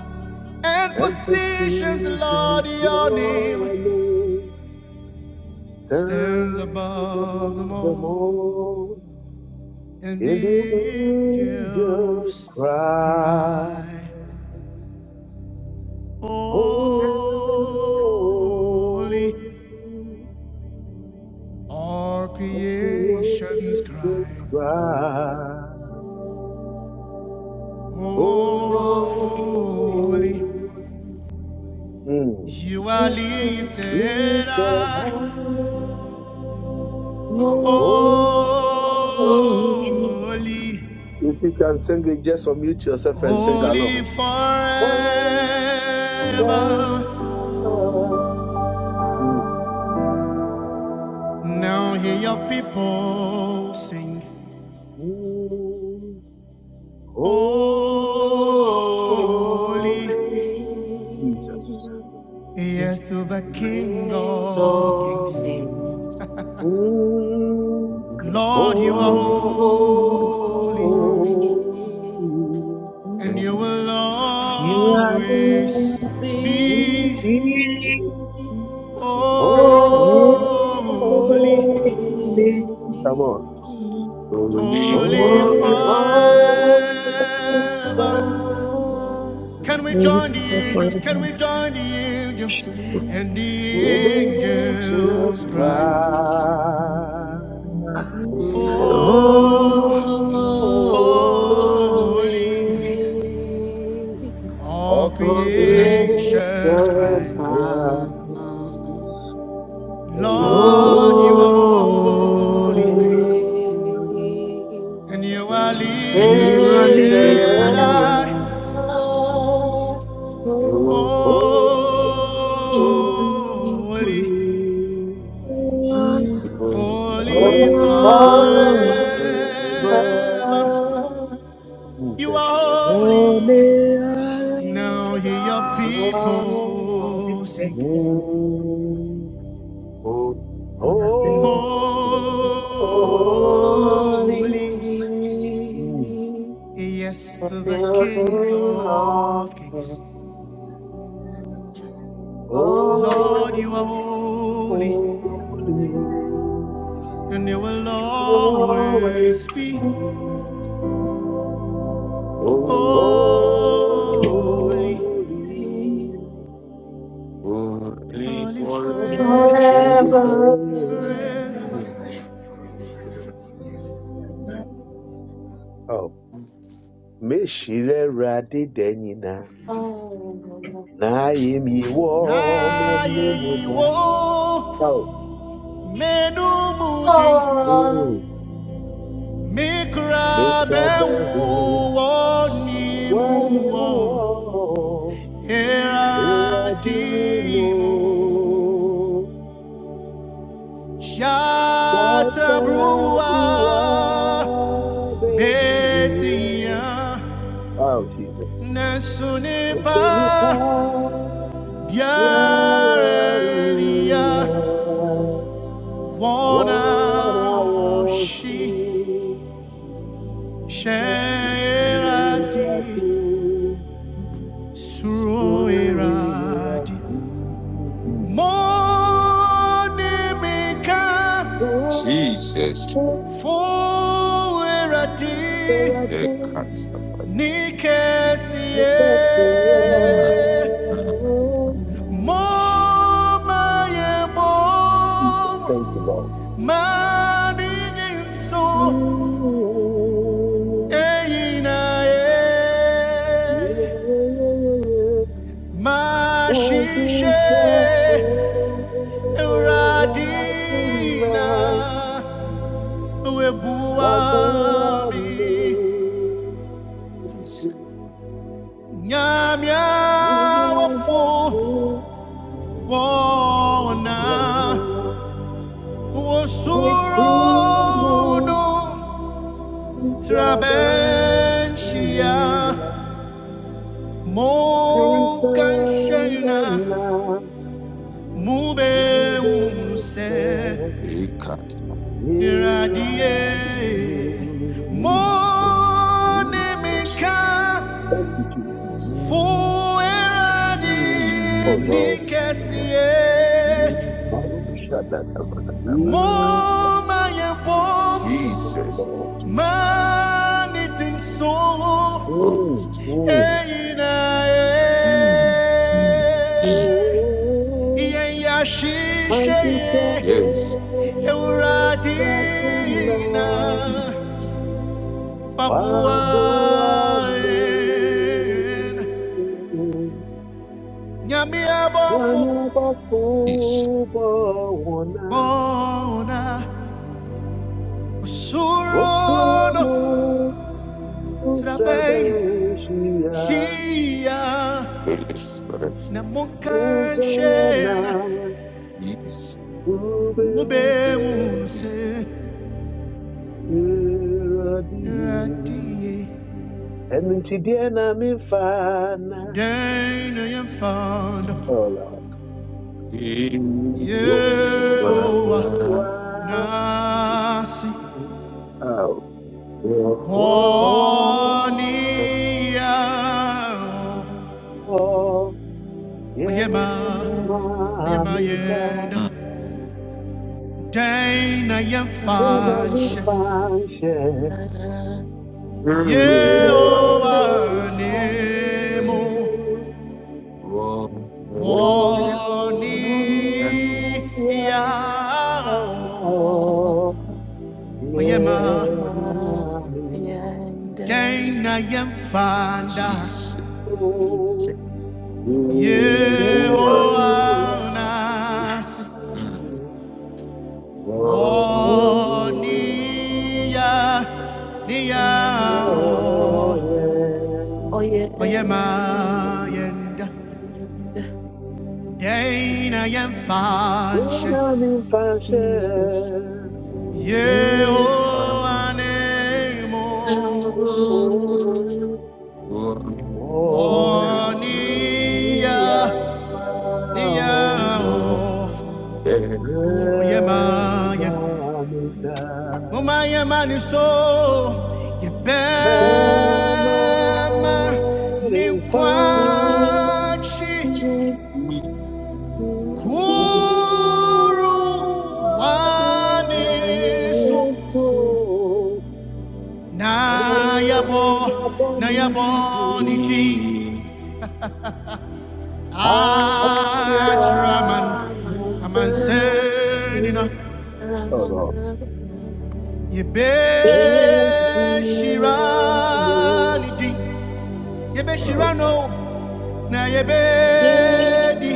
Speaker 4: and
Speaker 1: and
Speaker 4: positions,
Speaker 1: prestige is
Speaker 4: Lord. Your name
Speaker 1: your name.
Speaker 4: stands
Speaker 1: Stand
Speaker 4: above them
Speaker 1: above them
Speaker 4: all,
Speaker 1: all,
Speaker 4: and
Speaker 1: and
Speaker 4: the
Speaker 1: the angels cry.
Speaker 4: high. Oh.
Speaker 1: Holy,
Speaker 4: our creator.
Speaker 1: glorious Christ. Holy,
Speaker 4: Oh,
Speaker 1: mm.
Speaker 4: you are lifted
Speaker 1: lift up
Speaker 4: high,
Speaker 1: high.
Speaker 4: holy,
Speaker 1: Holy. If you can sing it, just unmute yourself and sing
Speaker 4: holy
Speaker 1: along. Holy, God.
Speaker 4: forever.
Speaker 1: Mm.
Speaker 4: Now hear your people sing,
Speaker 1: Mm. Holy,
Speaker 5: Holy
Speaker 4: holy,
Speaker 1: Jesus.
Speaker 4: yes to the King
Speaker 5: names
Speaker 4: of Kings.
Speaker 5: of thee,
Speaker 1: Mm.
Speaker 4: Lord,
Speaker 1: Oh,
Speaker 4: you are holy.
Speaker 5: holy.
Speaker 1: oh, mm,
Speaker 4: and you will
Speaker 6: You are
Speaker 4: always
Speaker 6: the
Speaker 5: Be
Speaker 1: mm,
Speaker 4: be
Speaker 6: feeling
Speaker 7: Thank
Speaker 1: oh,
Speaker 5: holy,
Speaker 2: you,
Speaker 6: only.
Speaker 4: oh,
Speaker 1: oh. Come on.
Speaker 2: Lord. Only
Speaker 1: Oh,
Speaker 4: holy
Speaker 5: holy
Speaker 6: Oh,
Speaker 2: forever.
Speaker 5: forever.
Speaker 4: forever. Can we
Speaker 6: glory
Speaker 4: join the
Speaker 6: to God
Speaker 4: angels? Can
Speaker 6: forever.
Speaker 4: we join the angels? And the
Speaker 1: rebellious
Speaker 4: angels
Speaker 5: Witches can
Speaker 4: cry,
Speaker 5: only
Speaker 1: pride.
Speaker 5: observe
Speaker 1: Oh,
Speaker 4: Oh,
Speaker 6: Oh,
Speaker 4: holy.
Speaker 1: of
Speaker 4: All creations cry,
Speaker 1: gracious
Speaker 5: time.
Speaker 1: Mm,
Speaker 4: Lord, you are
Speaker 5: Only
Speaker 4: holy,
Speaker 6: holy.
Speaker 4: and you are
Speaker 6: You
Speaker 4: living.
Speaker 6: are
Speaker 4: Said
Speaker 6: lifted up.
Speaker 4: I,
Speaker 5: it's Holy,
Speaker 4: oh,
Speaker 2: Lord,
Speaker 4: holy,
Speaker 6: Holy,
Speaker 2: Holy forever.
Speaker 4: holy
Speaker 5: the
Speaker 7: you.
Speaker 4: forever. You
Speaker 1: Thank
Speaker 4: are
Speaker 1: you, Lord.
Speaker 4: holy.
Speaker 6: holy are
Speaker 4: Now
Speaker 6: you,
Speaker 4: hear your
Speaker 6: God. Glory
Speaker 4: people
Speaker 6: forever.
Speaker 4: sing.
Speaker 6: Lord.
Speaker 1: Mm,
Speaker 6: Understand you
Speaker 1: Holy,
Speaker 4: Oh,
Speaker 1: holy.
Speaker 4: Holy,
Speaker 1: Mm,
Speaker 4: yes to the King
Speaker 5: building of
Speaker 4: of
Speaker 5: Him.
Speaker 4: Kings. Lord,
Speaker 5: holy
Speaker 4: you are holy,
Speaker 1: holy.
Speaker 4: and you will always
Speaker 5: always
Speaker 4: be
Speaker 1: holy.
Speaker 4: Oh,
Speaker 1: Holy,
Speaker 5: holy
Speaker 4: holy forever.
Speaker 1: holy
Speaker 6: Oh,
Speaker 5: forever.
Speaker 6: Thank
Speaker 1: Thank
Speaker 4: Forever.
Speaker 1: you, Thank you, Lord. Oh, Meshirera Didenina,
Speaker 5: Oh,
Speaker 1: Naim Yiwo
Speaker 4: Aye, wo,
Speaker 1: Menumuda. Oh,
Speaker 4: menumude, mikrabe
Speaker 1: Mekabehu,
Speaker 4: wo, nimu wo,
Speaker 1: Wanewo,
Speaker 5: oh, oh.
Speaker 1: Oadimo,
Speaker 4: shatabrua,
Speaker 1: Tatadiwa, baby,
Speaker 4: betia,
Speaker 1: Oh, Jesus.
Speaker 4: nasunipa,
Speaker 1: So you
Speaker 4: byarelia, wana,
Speaker 1: What I
Speaker 4: shi
Speaker 1: I to that
Speaker 4: share.
Speaker 1: you are doing, so I
Speaker 4: Suroeradi
Speaker 1: do,
Speaker 4: Monimika
Speaker 1: Oh,
Speaker 2: Jesus,
Speaker 1: oh,
Speaker 4: Foeradi
Speaker 1: oh, I
Speaker 2: yeah,
Speaker 1: do,
Speaker 2: can't stop it.
Speaker 1: Look at the
Speaker 2: Mm,
Speaker 4: Nikesie
Speaker 2: mm,
Speaker 1: world.
Speaker 2: mm.
Speaker 4: Moma
Speaker 1: Jesus,
Speaker 4: Yebom
Speaker 1: thank you, Lord.
Speaker 4: Maniginso
Speaker 1: Yeah, yeah, yeah,
Speaker 4: Einae
Speaker 1: yeah, yeah.
Speaker 4: Mashishe
Speaker 1: Thank you, Savior,
Speaker 4: Euradina webua
Speaker 1: Wabua me.
Speaker 2: Jesus,
Speaker 4: nyamya
Speaker 1: You are the
Speaker 4: wafu
Speaker 1: King,
Speaker 4: wona
Speaker 1: with
Speaker 4: wosuro
Speaker 1: fruit
Speaker 4: no
Speaker 1: Isabel,
Speaker 4: trabenshia
Speaker 1: and
Speaker 4: mo
Speaker 1: Serena, you
Speaker 4: mube unse
Speaker 1: deserve
Speaker 2: he can't stop
Speaker 4: iradie
Speaker 1: it.
Speaker 4: mo
Speaker 2: Jesus, Jesus.
Speaker 4: neminka
Speaker 1: Thank you, Jesus.
Speaker 4: fu iradi
Speaker 1: Oh
Speaker 2: Mm.
Speaker 1: Lord, oh Lord.
Speaker 4: nikesie
Speaker 1: Baruch
Speaker 2: Mm.
Speaker 1: Shadadabanabana.
Speaker 2: Ooh.
Speaker 4: Momayen pom
Speaker 1: Thank you,
Speaker 2: Jesus.
Speaker 1: Lord.
Speaker 4: manitin so
Speaker 2: Oh,
Speaker 1: Mm,
Speaker 2: Jesus.
Speaker 1: mm,
Speaker 4: eina e
Speaker 2: Mm, mm, mm.
Speaker 1: mm.
Speaker 4: Iyeya shishe
Speaker 1: Mighty
Speaker 2: Yes.
Speaker 1: Shepherd,
Speaker 4: euradina
Speaker 1: Adonai,
Speaker 2: Mm,
Speaker 4: babua
Speaker 1: Adonai.
Speaker 4: Nyamia bofu
Speaker 1: Wana
Speaker 2: Yes.
Speaker 1: bakuba wana,
Speaker 4: bona usuro no
Speaker 1: okono,
Speaker 4: trabe
Speaker 1: usabeshia,
Speaker 4: shia
Speaker 2: Holy Spirit.
Speaker 4: na monka she
Speaker 1: ugayana.
Speaker 2: Yes. Yes.
Speaker 1: ubeuze
Speaker 2: Yes.
Speaker 4: ubemuse
Speaker 1: were adịghị
Speaker 4: Rati,
Speaker 1: emechidie na mifana
Speaker 4: Dana
Speaker 2: Mm.
Speaker 4: yafanda. found
Speaker 1: ọla
Speaker 2: You are
Speaker 4: Yeo
Speaker 2: my
Speaker 1: yewa
Speaker 2: God. Mm.
Speaker 4: Nasi
Speaker 1: awọ
Speaker 4: Wania
Speaker 7: Oh,
Speaker 1: ọ
Speaker 4: Yema
Speaker 7: you're my
Speaker 1: yemamida
Speaker 4: Mayenda Dana yafanda.
Speaker 1: yana
Speaker 4: found
Speaker 2: Yes.
Speaker 1: mifanshe
Speaker 2: You
Speaker 4: Yeo Anemo
Speaker 1: yewa
Speaker 2: are my
Speaker 1: Oh,
Speaker 4: Wania
Speaker 2: God.
Speaker 4: Yema
Speaker 1: yeah, mommy.
Speaker 7: end.
Speaker 4: Dana ya found
Speaker 2: Jesus.
Speaker 7: Jesus.
Speaker 1: Oh,
Speaker 2: Mm.
Speaker 1: yeah.
Speaker 4: Yehoanas
Speaker 7: Oh
Speaker 4: Woniya Niyao
Speaker 1: Oh, yeah.
Speaker 7: yeah,
Speaker 4: Oyemayenda Dana
Speaker 1: In
Speaker 4: Yemfanshe
Speaker 1: an infancy.
Speaker 7: Jesus. Yeah.
Speaker 4: Yehoanemo
Speaker 1: Oh, oh,
Speaker 4: Woniya
Speaker 1: yeah.
Speaker 4: Niyao Yemayen
Speaker 1: Ramamita.
Speaker 4: Mumayemaniso Yebema kwachi
Speaker 7: yeah,
Speaker 4: kuru wani
Speaker 2: Oh,
Speaker 4: nayabo nayabo ni din atraman amansenina yebe shirani din yebe shirano na yebe di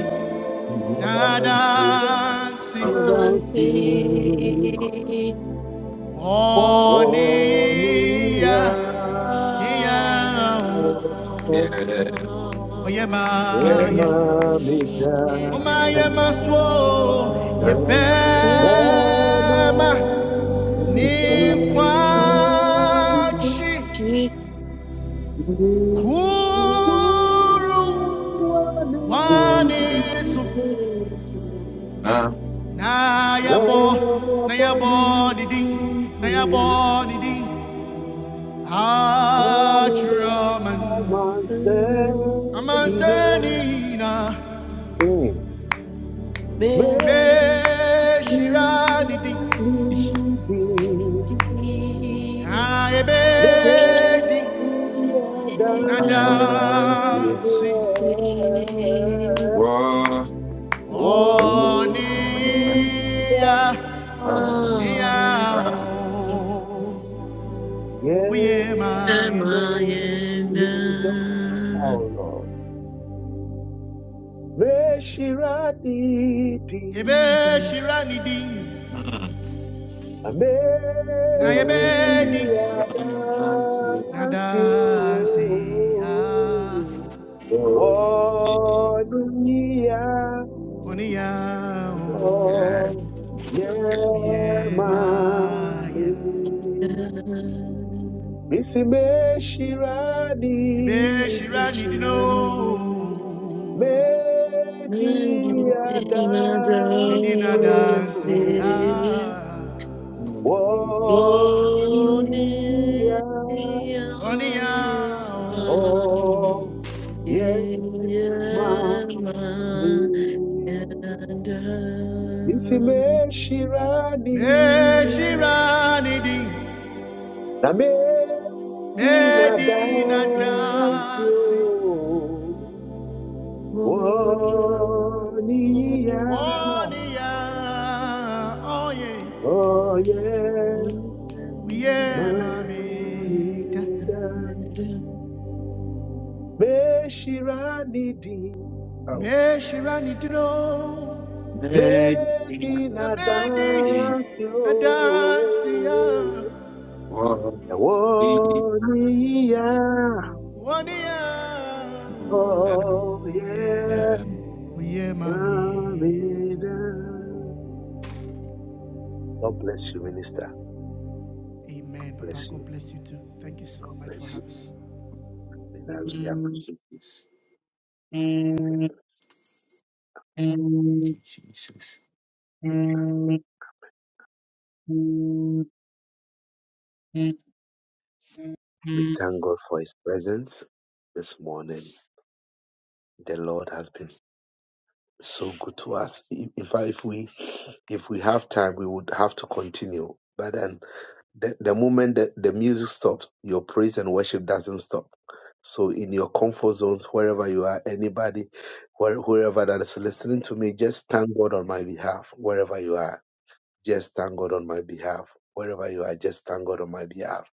Speaker 4: na dansi
Speaker 1: Thank you.
Speaker 7: See
Speaker 4: oni ya
Speaker 1: Wonia,
Speaker 4: Yeah,
Speaker 2: yeah.
Speaker 4: oh yeah, ma,
Speaker 2: Yeah.
Speaker 1: Roma
Speaker 4: oh
Speaker 1: Mida.
Speaker 4: yeah,
Speaker 1: Thank you.
Speaker 4: ma, swo, yeah,
Speaker 2: Yeah.
Speaker 1: Lama
Speaker 4: ma,
Speaker 2: Maybe
Speaker 1: Risa,
Speaker 4: ni kwa kuru, wani
Speaker 2: I
Speaker 7: Jesus.
Speaker 4: na
Speaker 1: Kualisi,
Speaker 4: ya bo
Speaker 1: Lama
Speaker 4: na ya bo didi na
Speaker 1: Boniti,
Speaker 4: ya bo didi
Speaker 7: Until
Speaker 4: atraman
Speaker 7: my
Speaker 1: Atoma
Speaker 7: son been
Speaker 1: Selina.
Speaker 4: amansani na ebe
Speaker 7: redeemed,
Speaker 4: shira
Speaker 1: indeed
Speaker 4: didi
Speaker 2: see.
Speaker 1: let
Speaker 4: Ebedi
Speaker 1: the
Speaker 7: redeemed at the
Speaker 1: dance
Speaker 4: adansi
Speaker 1: One
Speaker 7: glory.
Speaker 4: oniya niyao uye
Speaker 7: Am
Speaker 4: maye
Speaker 7: I in
Speaker 1: Lord. Meshirati
Speaker 4: ebe shirani di
Speaker 1: Amazing
Speaker 4: ebedi
Speaker 1: Adonai,
Speaker 4: nada
Speaker 1: Wadunia,
Speaker 4: oniyao
Speaker 1: oh,
Speaker 4: maye
Speaker 1: Yemamina.
Speaker 7: love?
Speaker 4: ebe
Speaker 1: Misimeshiradi,
Speaker 7: Medina
Speaker 4: shirani di no
Speaker 1: Meti
Speaker 4: edi
Speaker 1: Adasio,
Speaker 4: nada ya
Speaker 7: Jersey, Wonia,
Speaker 1: Wadunia,
Speaker 7: Yama,
Speaker 4: oniyao
Speaker 1: oh. Yemami,
Speaker 7: and
Speaker 1: nisimame
Speaker 7: um,
Speaker 4: me
Speaker 1: shirani,
Speaker 4: shirani
Speaker 1: na meti na
Speaker 4: Medina,
Speaker 1: dasyo,
Speaker 7: Jesus.
Speaker 1: waniya,
Speaker 7: Oh,
Speaker 4: one year, oh yeah,
Speaker 1: oye,
Speaker 4: we are
Speaker 7: Amen.
Speaker 4: mommy.
Speaker 1: manuda, me shirani di,
Speaker 4: Me she ran it low,
Speaker 1: meti na
Speaker 4: make a dance, yeah,
Speaker 1: dasyo, warrior
Speaker 4: one year,
Speaker 1: of
Speaker 2: Thank
Speaker 4: we are mommy.
Speaker 1: Yepamida. God bless you, minister.
Speaker 4: Amen. Papa,
Speaker 1: Bless you.
Speaker 4: God bless you too. Thank you so much
Speaker 1: Bless
Speaker 4: for
Speaker 1: you.
Speaker 2: you.
Speaker 4: having me.
Speaker 1: And I really appreciate you. We
Speaker 2: Thank you, Jesus.
Speaker 1: thank God for his presence this morning. The Lord has been so good to us. In in fact, if we if we have time, we would have to continue. But then. The, the moment the, the music stops, your praise and worship doesn't stop. So in your comfort zones, wherever you are, anybody, where, wherever that is listening to me, just thank God on my behalf. Wherever you are, just thank God on my behalf. Wherever you are, just thank God on my behalf.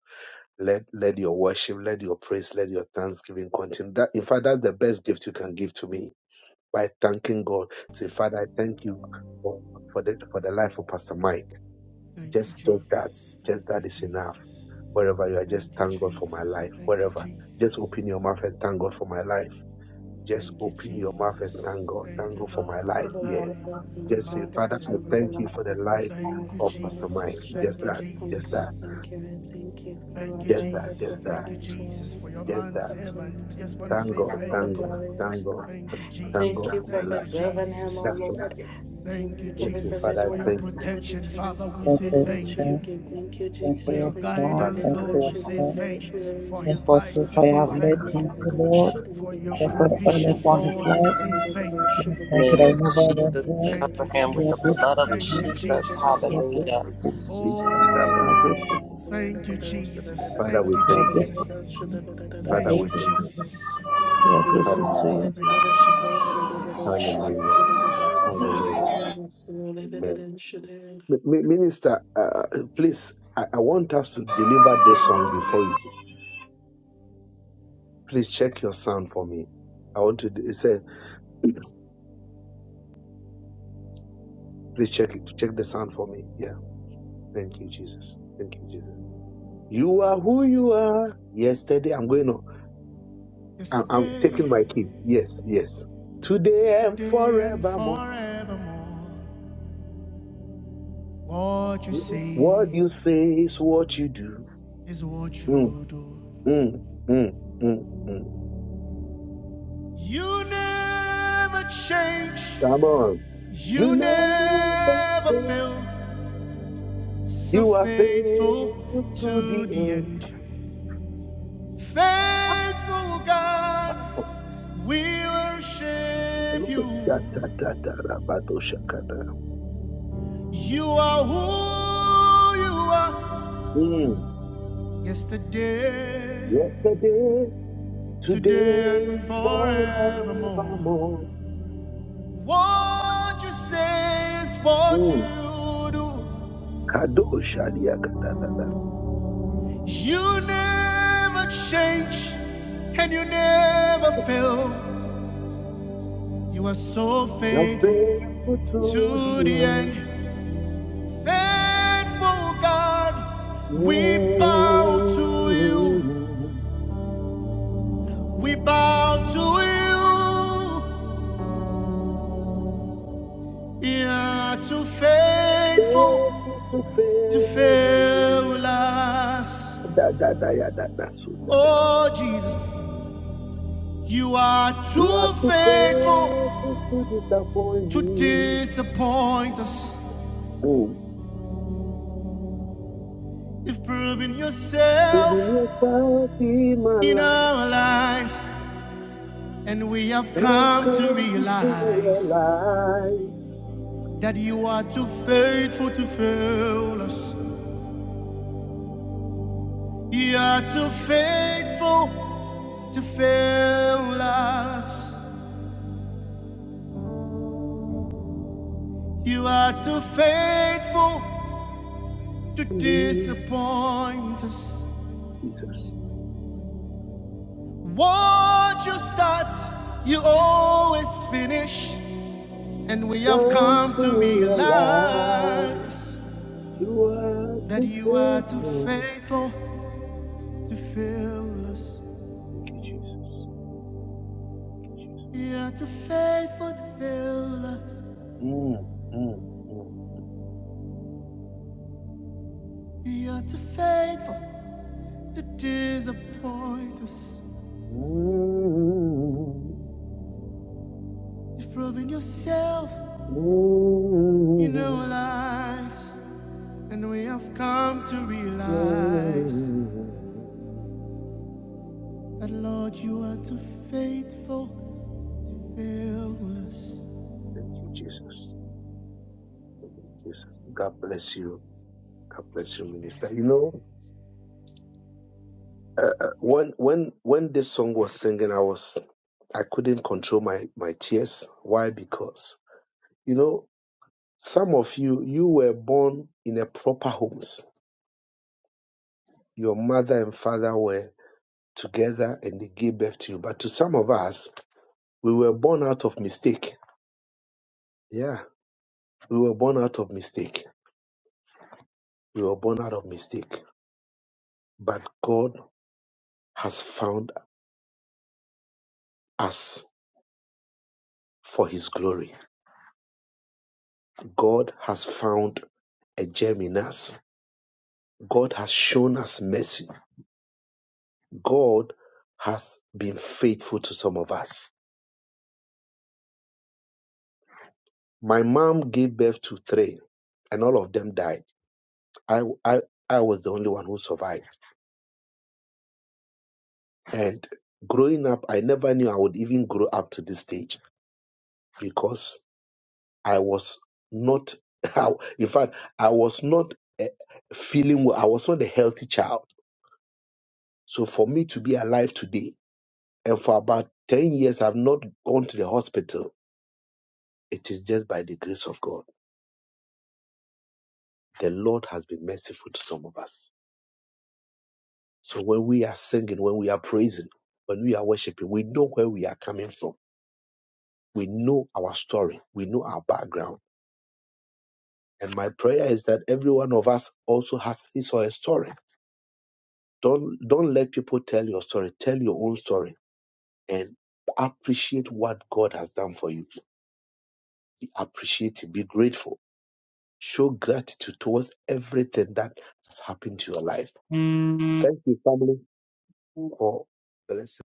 Speaker 1: Let let your worship, let your praise, let your thanksgiving continue. That, in fact, that's the best gift you can give to me by thanking God. Say, Father, I thank you for, for the for the life of Pastor Mike.
Speaker 4: Thank you.
Speaker 1: Just just that, just that
Speaker 4: Thank
Speaker 1: is
Speaker 4: you.
Speaker 1: enough wherever you are, just thank God for my life.
Speaker 4: Thank
Speaker 1: Wherever,
Speaker 4: you,
Speaker 1: just open your mouth and thank God for my life.
Speaker 4: Jesus.
Speaker 1: Just open your mouth and thank God. Thank God for my life.
Speaker 5: Thank
Speaker 1: Yeah.
Speaker 5: you, thank
Speaker 1: Just say, Father, I
Speaker 5: you for the
Speaker 1: thank you for the life
Speaker 4: Thank you,
Speaker 1: of Pastor
Speaker 4: Jesus.
Speaker 1: Mike.
Speaker 4: Thank
Speaker 1: Just
Speaker 4: you,
Speaker 1: that. Just
Speaker 4: Jesus.
Speaker 1: that.
Speaker 4: Thank you,
Speaker 1: Just
Speaker 5: wonder
Speaker 1: that.
Speaker 5: that's
Speaker 4: Jesus.
Speaker 1: Just
Speaker 5: such
Speaker 1: that.
Speaker 5: a
Speaker 4: Jesus, for your
Speaker 1: Just
Speaker 4: man
Speaker 1: that.
Speaker 4: servant. We just want to say
Speaker 1: Thank God.
Speaker 5: the
Speaker 1: Thank God. Thank
Speaker 5: glorious.
Speaker 1: God.
Speaker 4: thank you, Jesus.
Speaker 1: Thank
Speaker 5: Thank
Speaker 1: God
Speaker 5: you
Speaker 1: for my
Speaker 5: for
Speaker 4: Thank you,
Speaker 1: life.
Speaker 5: preserving him,
Speaker 4: Jesus.
Speaker 5: O
Speaker 1: That's all.
Speaker 5: Lord. Thank
Speaker 4: Thank you,
Speaker 5: you for
Speaker 1: Let's say,
Speaker 4: Jesus.
Speaker 5: preserving
Speaker 1: Father,
Speaker 5: all
Speaker 1: I thank you.
Speaker 5: the
Speaker 4: Protection,
Speaker 5: redemption.
Speaker 4: Father, we say
Speaker 6: you,
Speaker 1: Thank you.
Speaker 4: thank you.
Speaker 6: sir.
Speaker 5: Thank you,
Speaker 6: Thank
Speaker 4: For
Speaker 6: you,
Speaker 5: Jesus.
Speaker 4: your
Speaker 6: your
Speaker 5: Thank you, my
Speaker 1: Father,
Speaker 6: son.
Speaker 1: I
Speaker 4: guidance,
Speaker 6: Thank
Speaker 1: thank
Speaker 6: you,
Speaker 4: Lord, we
Speaker 6: your
Speaker 1: you.
Speaker 4: say
Speaker 6: son.
Speaker 4: thank you. For
Speaker 5: Lord.
Speaker 6: Thank you
Speaker 4: his
Speaker 6: for
Speaker 4: life,
Speaker 6: which
Speaker 4: we
Speaker 6: I
Speaker 4: say
Speaker 5: Thank
Speaker 6: have led
Speaker 4: thank you.
Speaker 6: him to Lord.
Speaker 1: Makadabadosha.
Speaker 4: For your
Speaker 6: Thank you for the
Speaker 4: provision,
Speaker 6: look on his
Speaker 4: Lord, we
Speaker 6: life.
Speaker 4: say thank you.
Speaker 6: Thank you
Speaker 8: name
Speaker 6: that I
Speaker 8: of
Speaker 6: never went
Speaker 8: Jesus, we
Speaker 6: dry.
Speaker 4: Thank
Speaker 8: cover
Speaker 4: you,
Speaker 8: him
Speaker 6: We
Speaker 8: with
Speaker 6: are
Speaker 8: the
Speaker 4: Jesus.
Speaker 8: blood
Speaker 6: grateful.
Speaker 8: of
Speaker 1: Eh,
Speaker 4: Thank you,
Speaker 8: Jesus.
Speaker 4: Jesus.
Speaker 6: We are
Speaker 8: Hallelujah.
Speaker 1: eh, kadabadabada.
Speaker 4: Oh, thank you, Jesus.
Speaker 1: Father,
Speaker 4: Thank
Speaker 1: we thank you.
Speaker 6: grateful. We are
Speaker 1: Father,
Speaker 4: Thank you,
Speaker 1: we
Speaker 6: grateful.
Speaker 1: thank you.
Speaker 4: Jesus.
Speaker 6: We are grateful
Speaker 1: Hallelujah.
Speaker 6: to you. We are grateful to you.
Speaker 4: Thank you, Jesus.
Speaker 1: Hallelujah. Hallelujah. Amen.
Speaker 5: you.
Speaker 1: Mi- mi- Minister, uh, please, I, I want us to deliver this song before you. Please check your sound for me. I want to d- say, please check it- check the sound for me. Yeah, thank you, Jesus. Thank you, Jesus. You are who you are. Yesterday, I'm going on. I'm, I'm taking my key. Yes, yes. Today and
Speaker 4: Yesterday
Speaker 1: forevermore.
Speaker 4: forevermore. What you say
Speaker 1: What you say is what you do.
Speaker 4: is what you
Speaker 1: Mm,
Speaker 4: do.
Speaker 1: mm, mm, mm, mm.
Speaker 4: You never change,
Speaker 1: Come on. You
Speaker 4: you
Speaker 1: know that
Speaker 4: never fail. So
Speaker 1: you are faithful to the
Speaker 4: to the end.
Speaker 1: end.
Speaker 4: Faithful God, we worship you.
Speaker 1: Ta-ta-ta-ra-ba-do-shakada.
Speaker 4: You are who you are.
Speaker 1: Mm.
Speaker 4: Yesterday,
Speaker 1: Yesterday,
Speaker 4: today,
Speaker 1: today,
Speaker 4: and forevermore.
Speaker 1: forevermore.
Speaker 4: What you say is what
Speaker 1: Mm.
Speaker 4: you do.
Speaker 1: Kadoshadiakadadada.
Speaker 4: You never change and you never fail. You are so
Speaker 1: You are
Speaker 4: faithful
Speaker 1: faithful to the
Speaker 4: to the end.
Speaker 1: end.
Speaker 4: Faithful God, we bow to you.
Speaker 1: Mm.
Speaker 4: We bow to you. You are too faithful
Speaker 1: Faithful to
Speaker 4: to
Speaker 1: fail me.
Speaker 4: fail us.
Speaker 1: Da, da, da, ya, da, da, so,
Speaker 4: Oh Jesus, you are
Speaker 1: You are
Speaker 4: too
Speaker 1: too
Speaker 4: faithful. to
Speaker 1: faithful to disappoint me.
Speaker 4: Disappoint us.
Speaker 1: Mm.
Speaker 4: You've proven yourself
Speaker 1: Proving yourself in my
Speaker 4: in
Speaker 1: life,
Speaker 4: our lives, and we have
Speaker 1: and I've
Speaker 4: come to
Speaker 1: come
Speaker 4: realize
Speaker 1: to realize
Speaker 4: that you are too faithful to fail us. You are too faithful to fail us. You are too faithful to
Speaker 1: me.
Speaker 4: disappoint us.
Speaker 1: Jesus.
Speaker 4: What you start, you always finish, and we have
Speaker 1: Come
Speaker 4: come
Speaker 1: to
Speaker 4: to
Speaker 1: realize
Speaker 4: realize
Speaker 1: you are
Speaker 4: that
Speaker 1: too
Speaker 4: you are too
Speaker 1: faithful.
Speaker 4: faithful to fail us.
Speaker 1: Thank you, Jesus. Thank you, Jesus.
Speaker 4: You're too faithful to fail us.
Speaker 1: Mm, mm, mm.
Speaker 4: You're too faithful to disappoint us.
Speaker 1: Mm,
Speaker 4: You've proven yourself in our lives. And we have come to
Speaker 1: mm,
Speaker 4: realize
Speaker 1: mm.
Speaker 4: that, Lord, you are too faithful to fail us.
Speaker 1: Thank you, Jesus. Thank you, Jesus. God bless you. God bless you,
Speaker 4: Amen.
Speaker 1: minister. You know, uh, uh, when when when this song was singing, I was I couldn't control my my tears. Why? Because you know, some of you you were born in a proper homes. Your mother and father were together and they gave birth to you. But to some of us, we were born out of mistake. Yeah, we were born out of mistake. We were born out of mistake. But God has found us for His glory. God has found a gem in us. God has shown us mercy. God has been faithful to some of us. My mom gave birth to three, and all of them died. I, I, I was the only one who survived. And growing up, I never knew I would even grow up to this stage because I was not, in fact, I was not eh, feeling well. I was not a healthy child. So for me to be alive today, And for about 10 years, I've not gone to the hospital. It is just by the grace of God. The Lord has been merciful to some of us. So when we are singing, when we are praising, when we are worshiping, we know where we are coming from. We know our story. We know our background. And my prayer is that every one of us also has his or her story. Don't, don't let people tell your story. Tell your own story and appreciate what God has done for you. Be appreciative. Be grateful Show gratitude towards everything that has happened to your life. Thank you, family, for blessing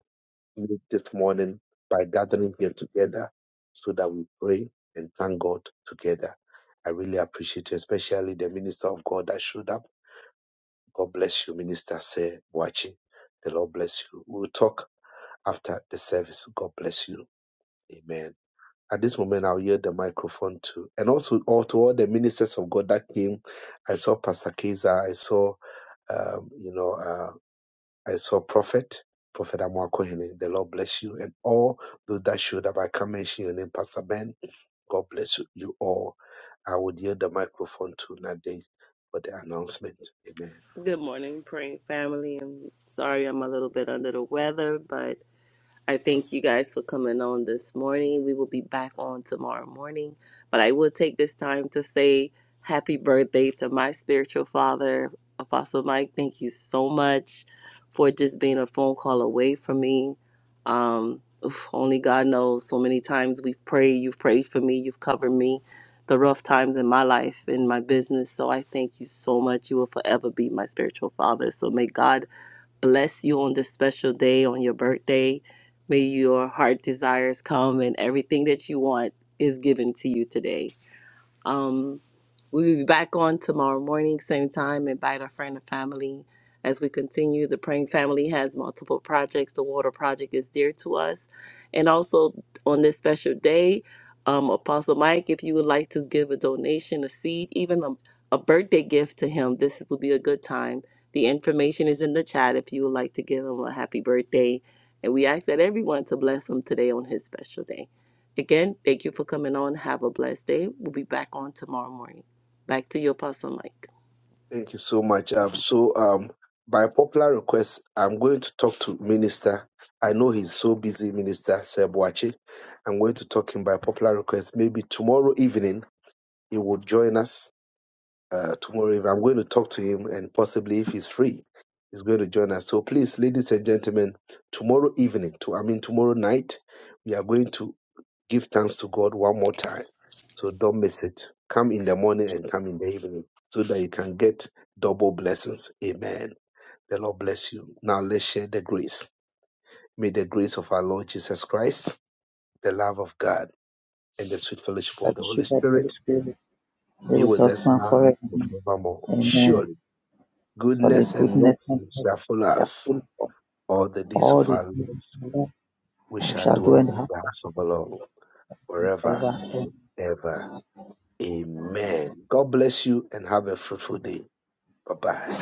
Speaker 1: me this morning by gathering here together so that we pray and thank God together. I really appreciate you, especially the minister of God that showed up. God bless you, Minister Say watching. The Lord bless you. We'll talk after the service. God bless you. Amen. At this moment, I'll yield the microphone to, and also all to all the ministers of God that came. I saw Pastor Keza. I saw Um, you know, uh, I saw Prophet, Prophet Amwakohene. The Lord bless you. And all those that showed up, I can mention your name, Pastor Ben. God bless you, you all. I would yield the microphone to Nadine for the announcement. Amen.
Speaker 8: Good morning, praying family. I'm sorry I'm a little bit under the weather, but I thank you guys for coming on this morning. We will be back on tomorrow morning, but I will take this time to say happy birthday to my spiritual father, Apostle Mike. Thank you so much for just being a phone call away from me. Um, oof, only God knows so many times we've prayed. You've prayed for me, you've covered me the rough times in my life in my business. So I thank you so much. You will forever be my spiritual father. So may God bless you on this special day, on your birthday. May your heart desires come and everything that you want is given to you today. Um, we will be back on tomorrow morning, same time. Invite our friend and family as we continue. The Praying Family has multiple projects. The water project is dear to us. And also on this special day, um, Apostle Mike, if you would like to give a donation, a seed, even a, a birthday gift to him, this would be a good time. The information is in the chat if you would like to give him a happy birthday. And we ask that everyone to bless him today on his special day. Again, thank you for coming on. Have a blessed day. We'll be back on tomorrow morning. Back to you, Apostle Mike.
Speaker 1: Thank you so much. Um, so, um, by popular request, I'm going to talk to Minister. I know he's so busy, Minister Sebwache. I'm going to talk him by popular request. Maybe tomorrow evening he will join us uh, tomorrow if I'm going to talk to him and possibly if he's free, he's going to join us. So please, ladies and gentlemen, tomorrow evening, to I mean tomorrow night, we are going to give thanks to God one more time. So don't miss it. Come in the morning and come in the evening so that you can get double blessings. Amen. The Lord bless you. Now let's share the grace. May the grace of our Lord Jesus Christ, the love of God, and the sweet fellowship of
Speaker 6: That
Speaker 1: the
Speaker 6: the
Speaker 1: Holy
Speaker 6: sugar of Holy
Speaker 1: Spirit
Speaker 6: Spirit be
Speaker 1: be
Speaker 6: with
Speaker 1: with
Speaker 6: us
Speaker 1: us
Speaker 6: now
Speaker 1: now
Speaker 6: forever.
Speaker 1: and forevermore.
Speaker 6: Amen.
Speaker 1: Surely
Speaker 6: For the
Speaker 1: Goodness and
Speaker 6: goodness
Speaker 1: mercy
Speaker 6: and mercy
Speaker 1: shall follow
Speaker 6: shall
Speaker 1: us
Speaker 6: follow us
Speaker 1: all the days
Speaker 6: all
Speaker 1: of
Speaker 6: the
Speaker 1: our
Speaker 6: days
Speaker 1: lives.
Speaker 6: of our
Speaker 1: We
Speaker 6: life. We
Speaker 1: shall
Speaker 6: shall do
Speaker 1: dwell
Speaker 6: and
Speaker 1: in
Speaker 6: have
Speaker 1: the house of the Lord forever,
Speaker 6: forever.
Speaker 1: ever. Amen. God bless you and have a fruitful day. Bye bye.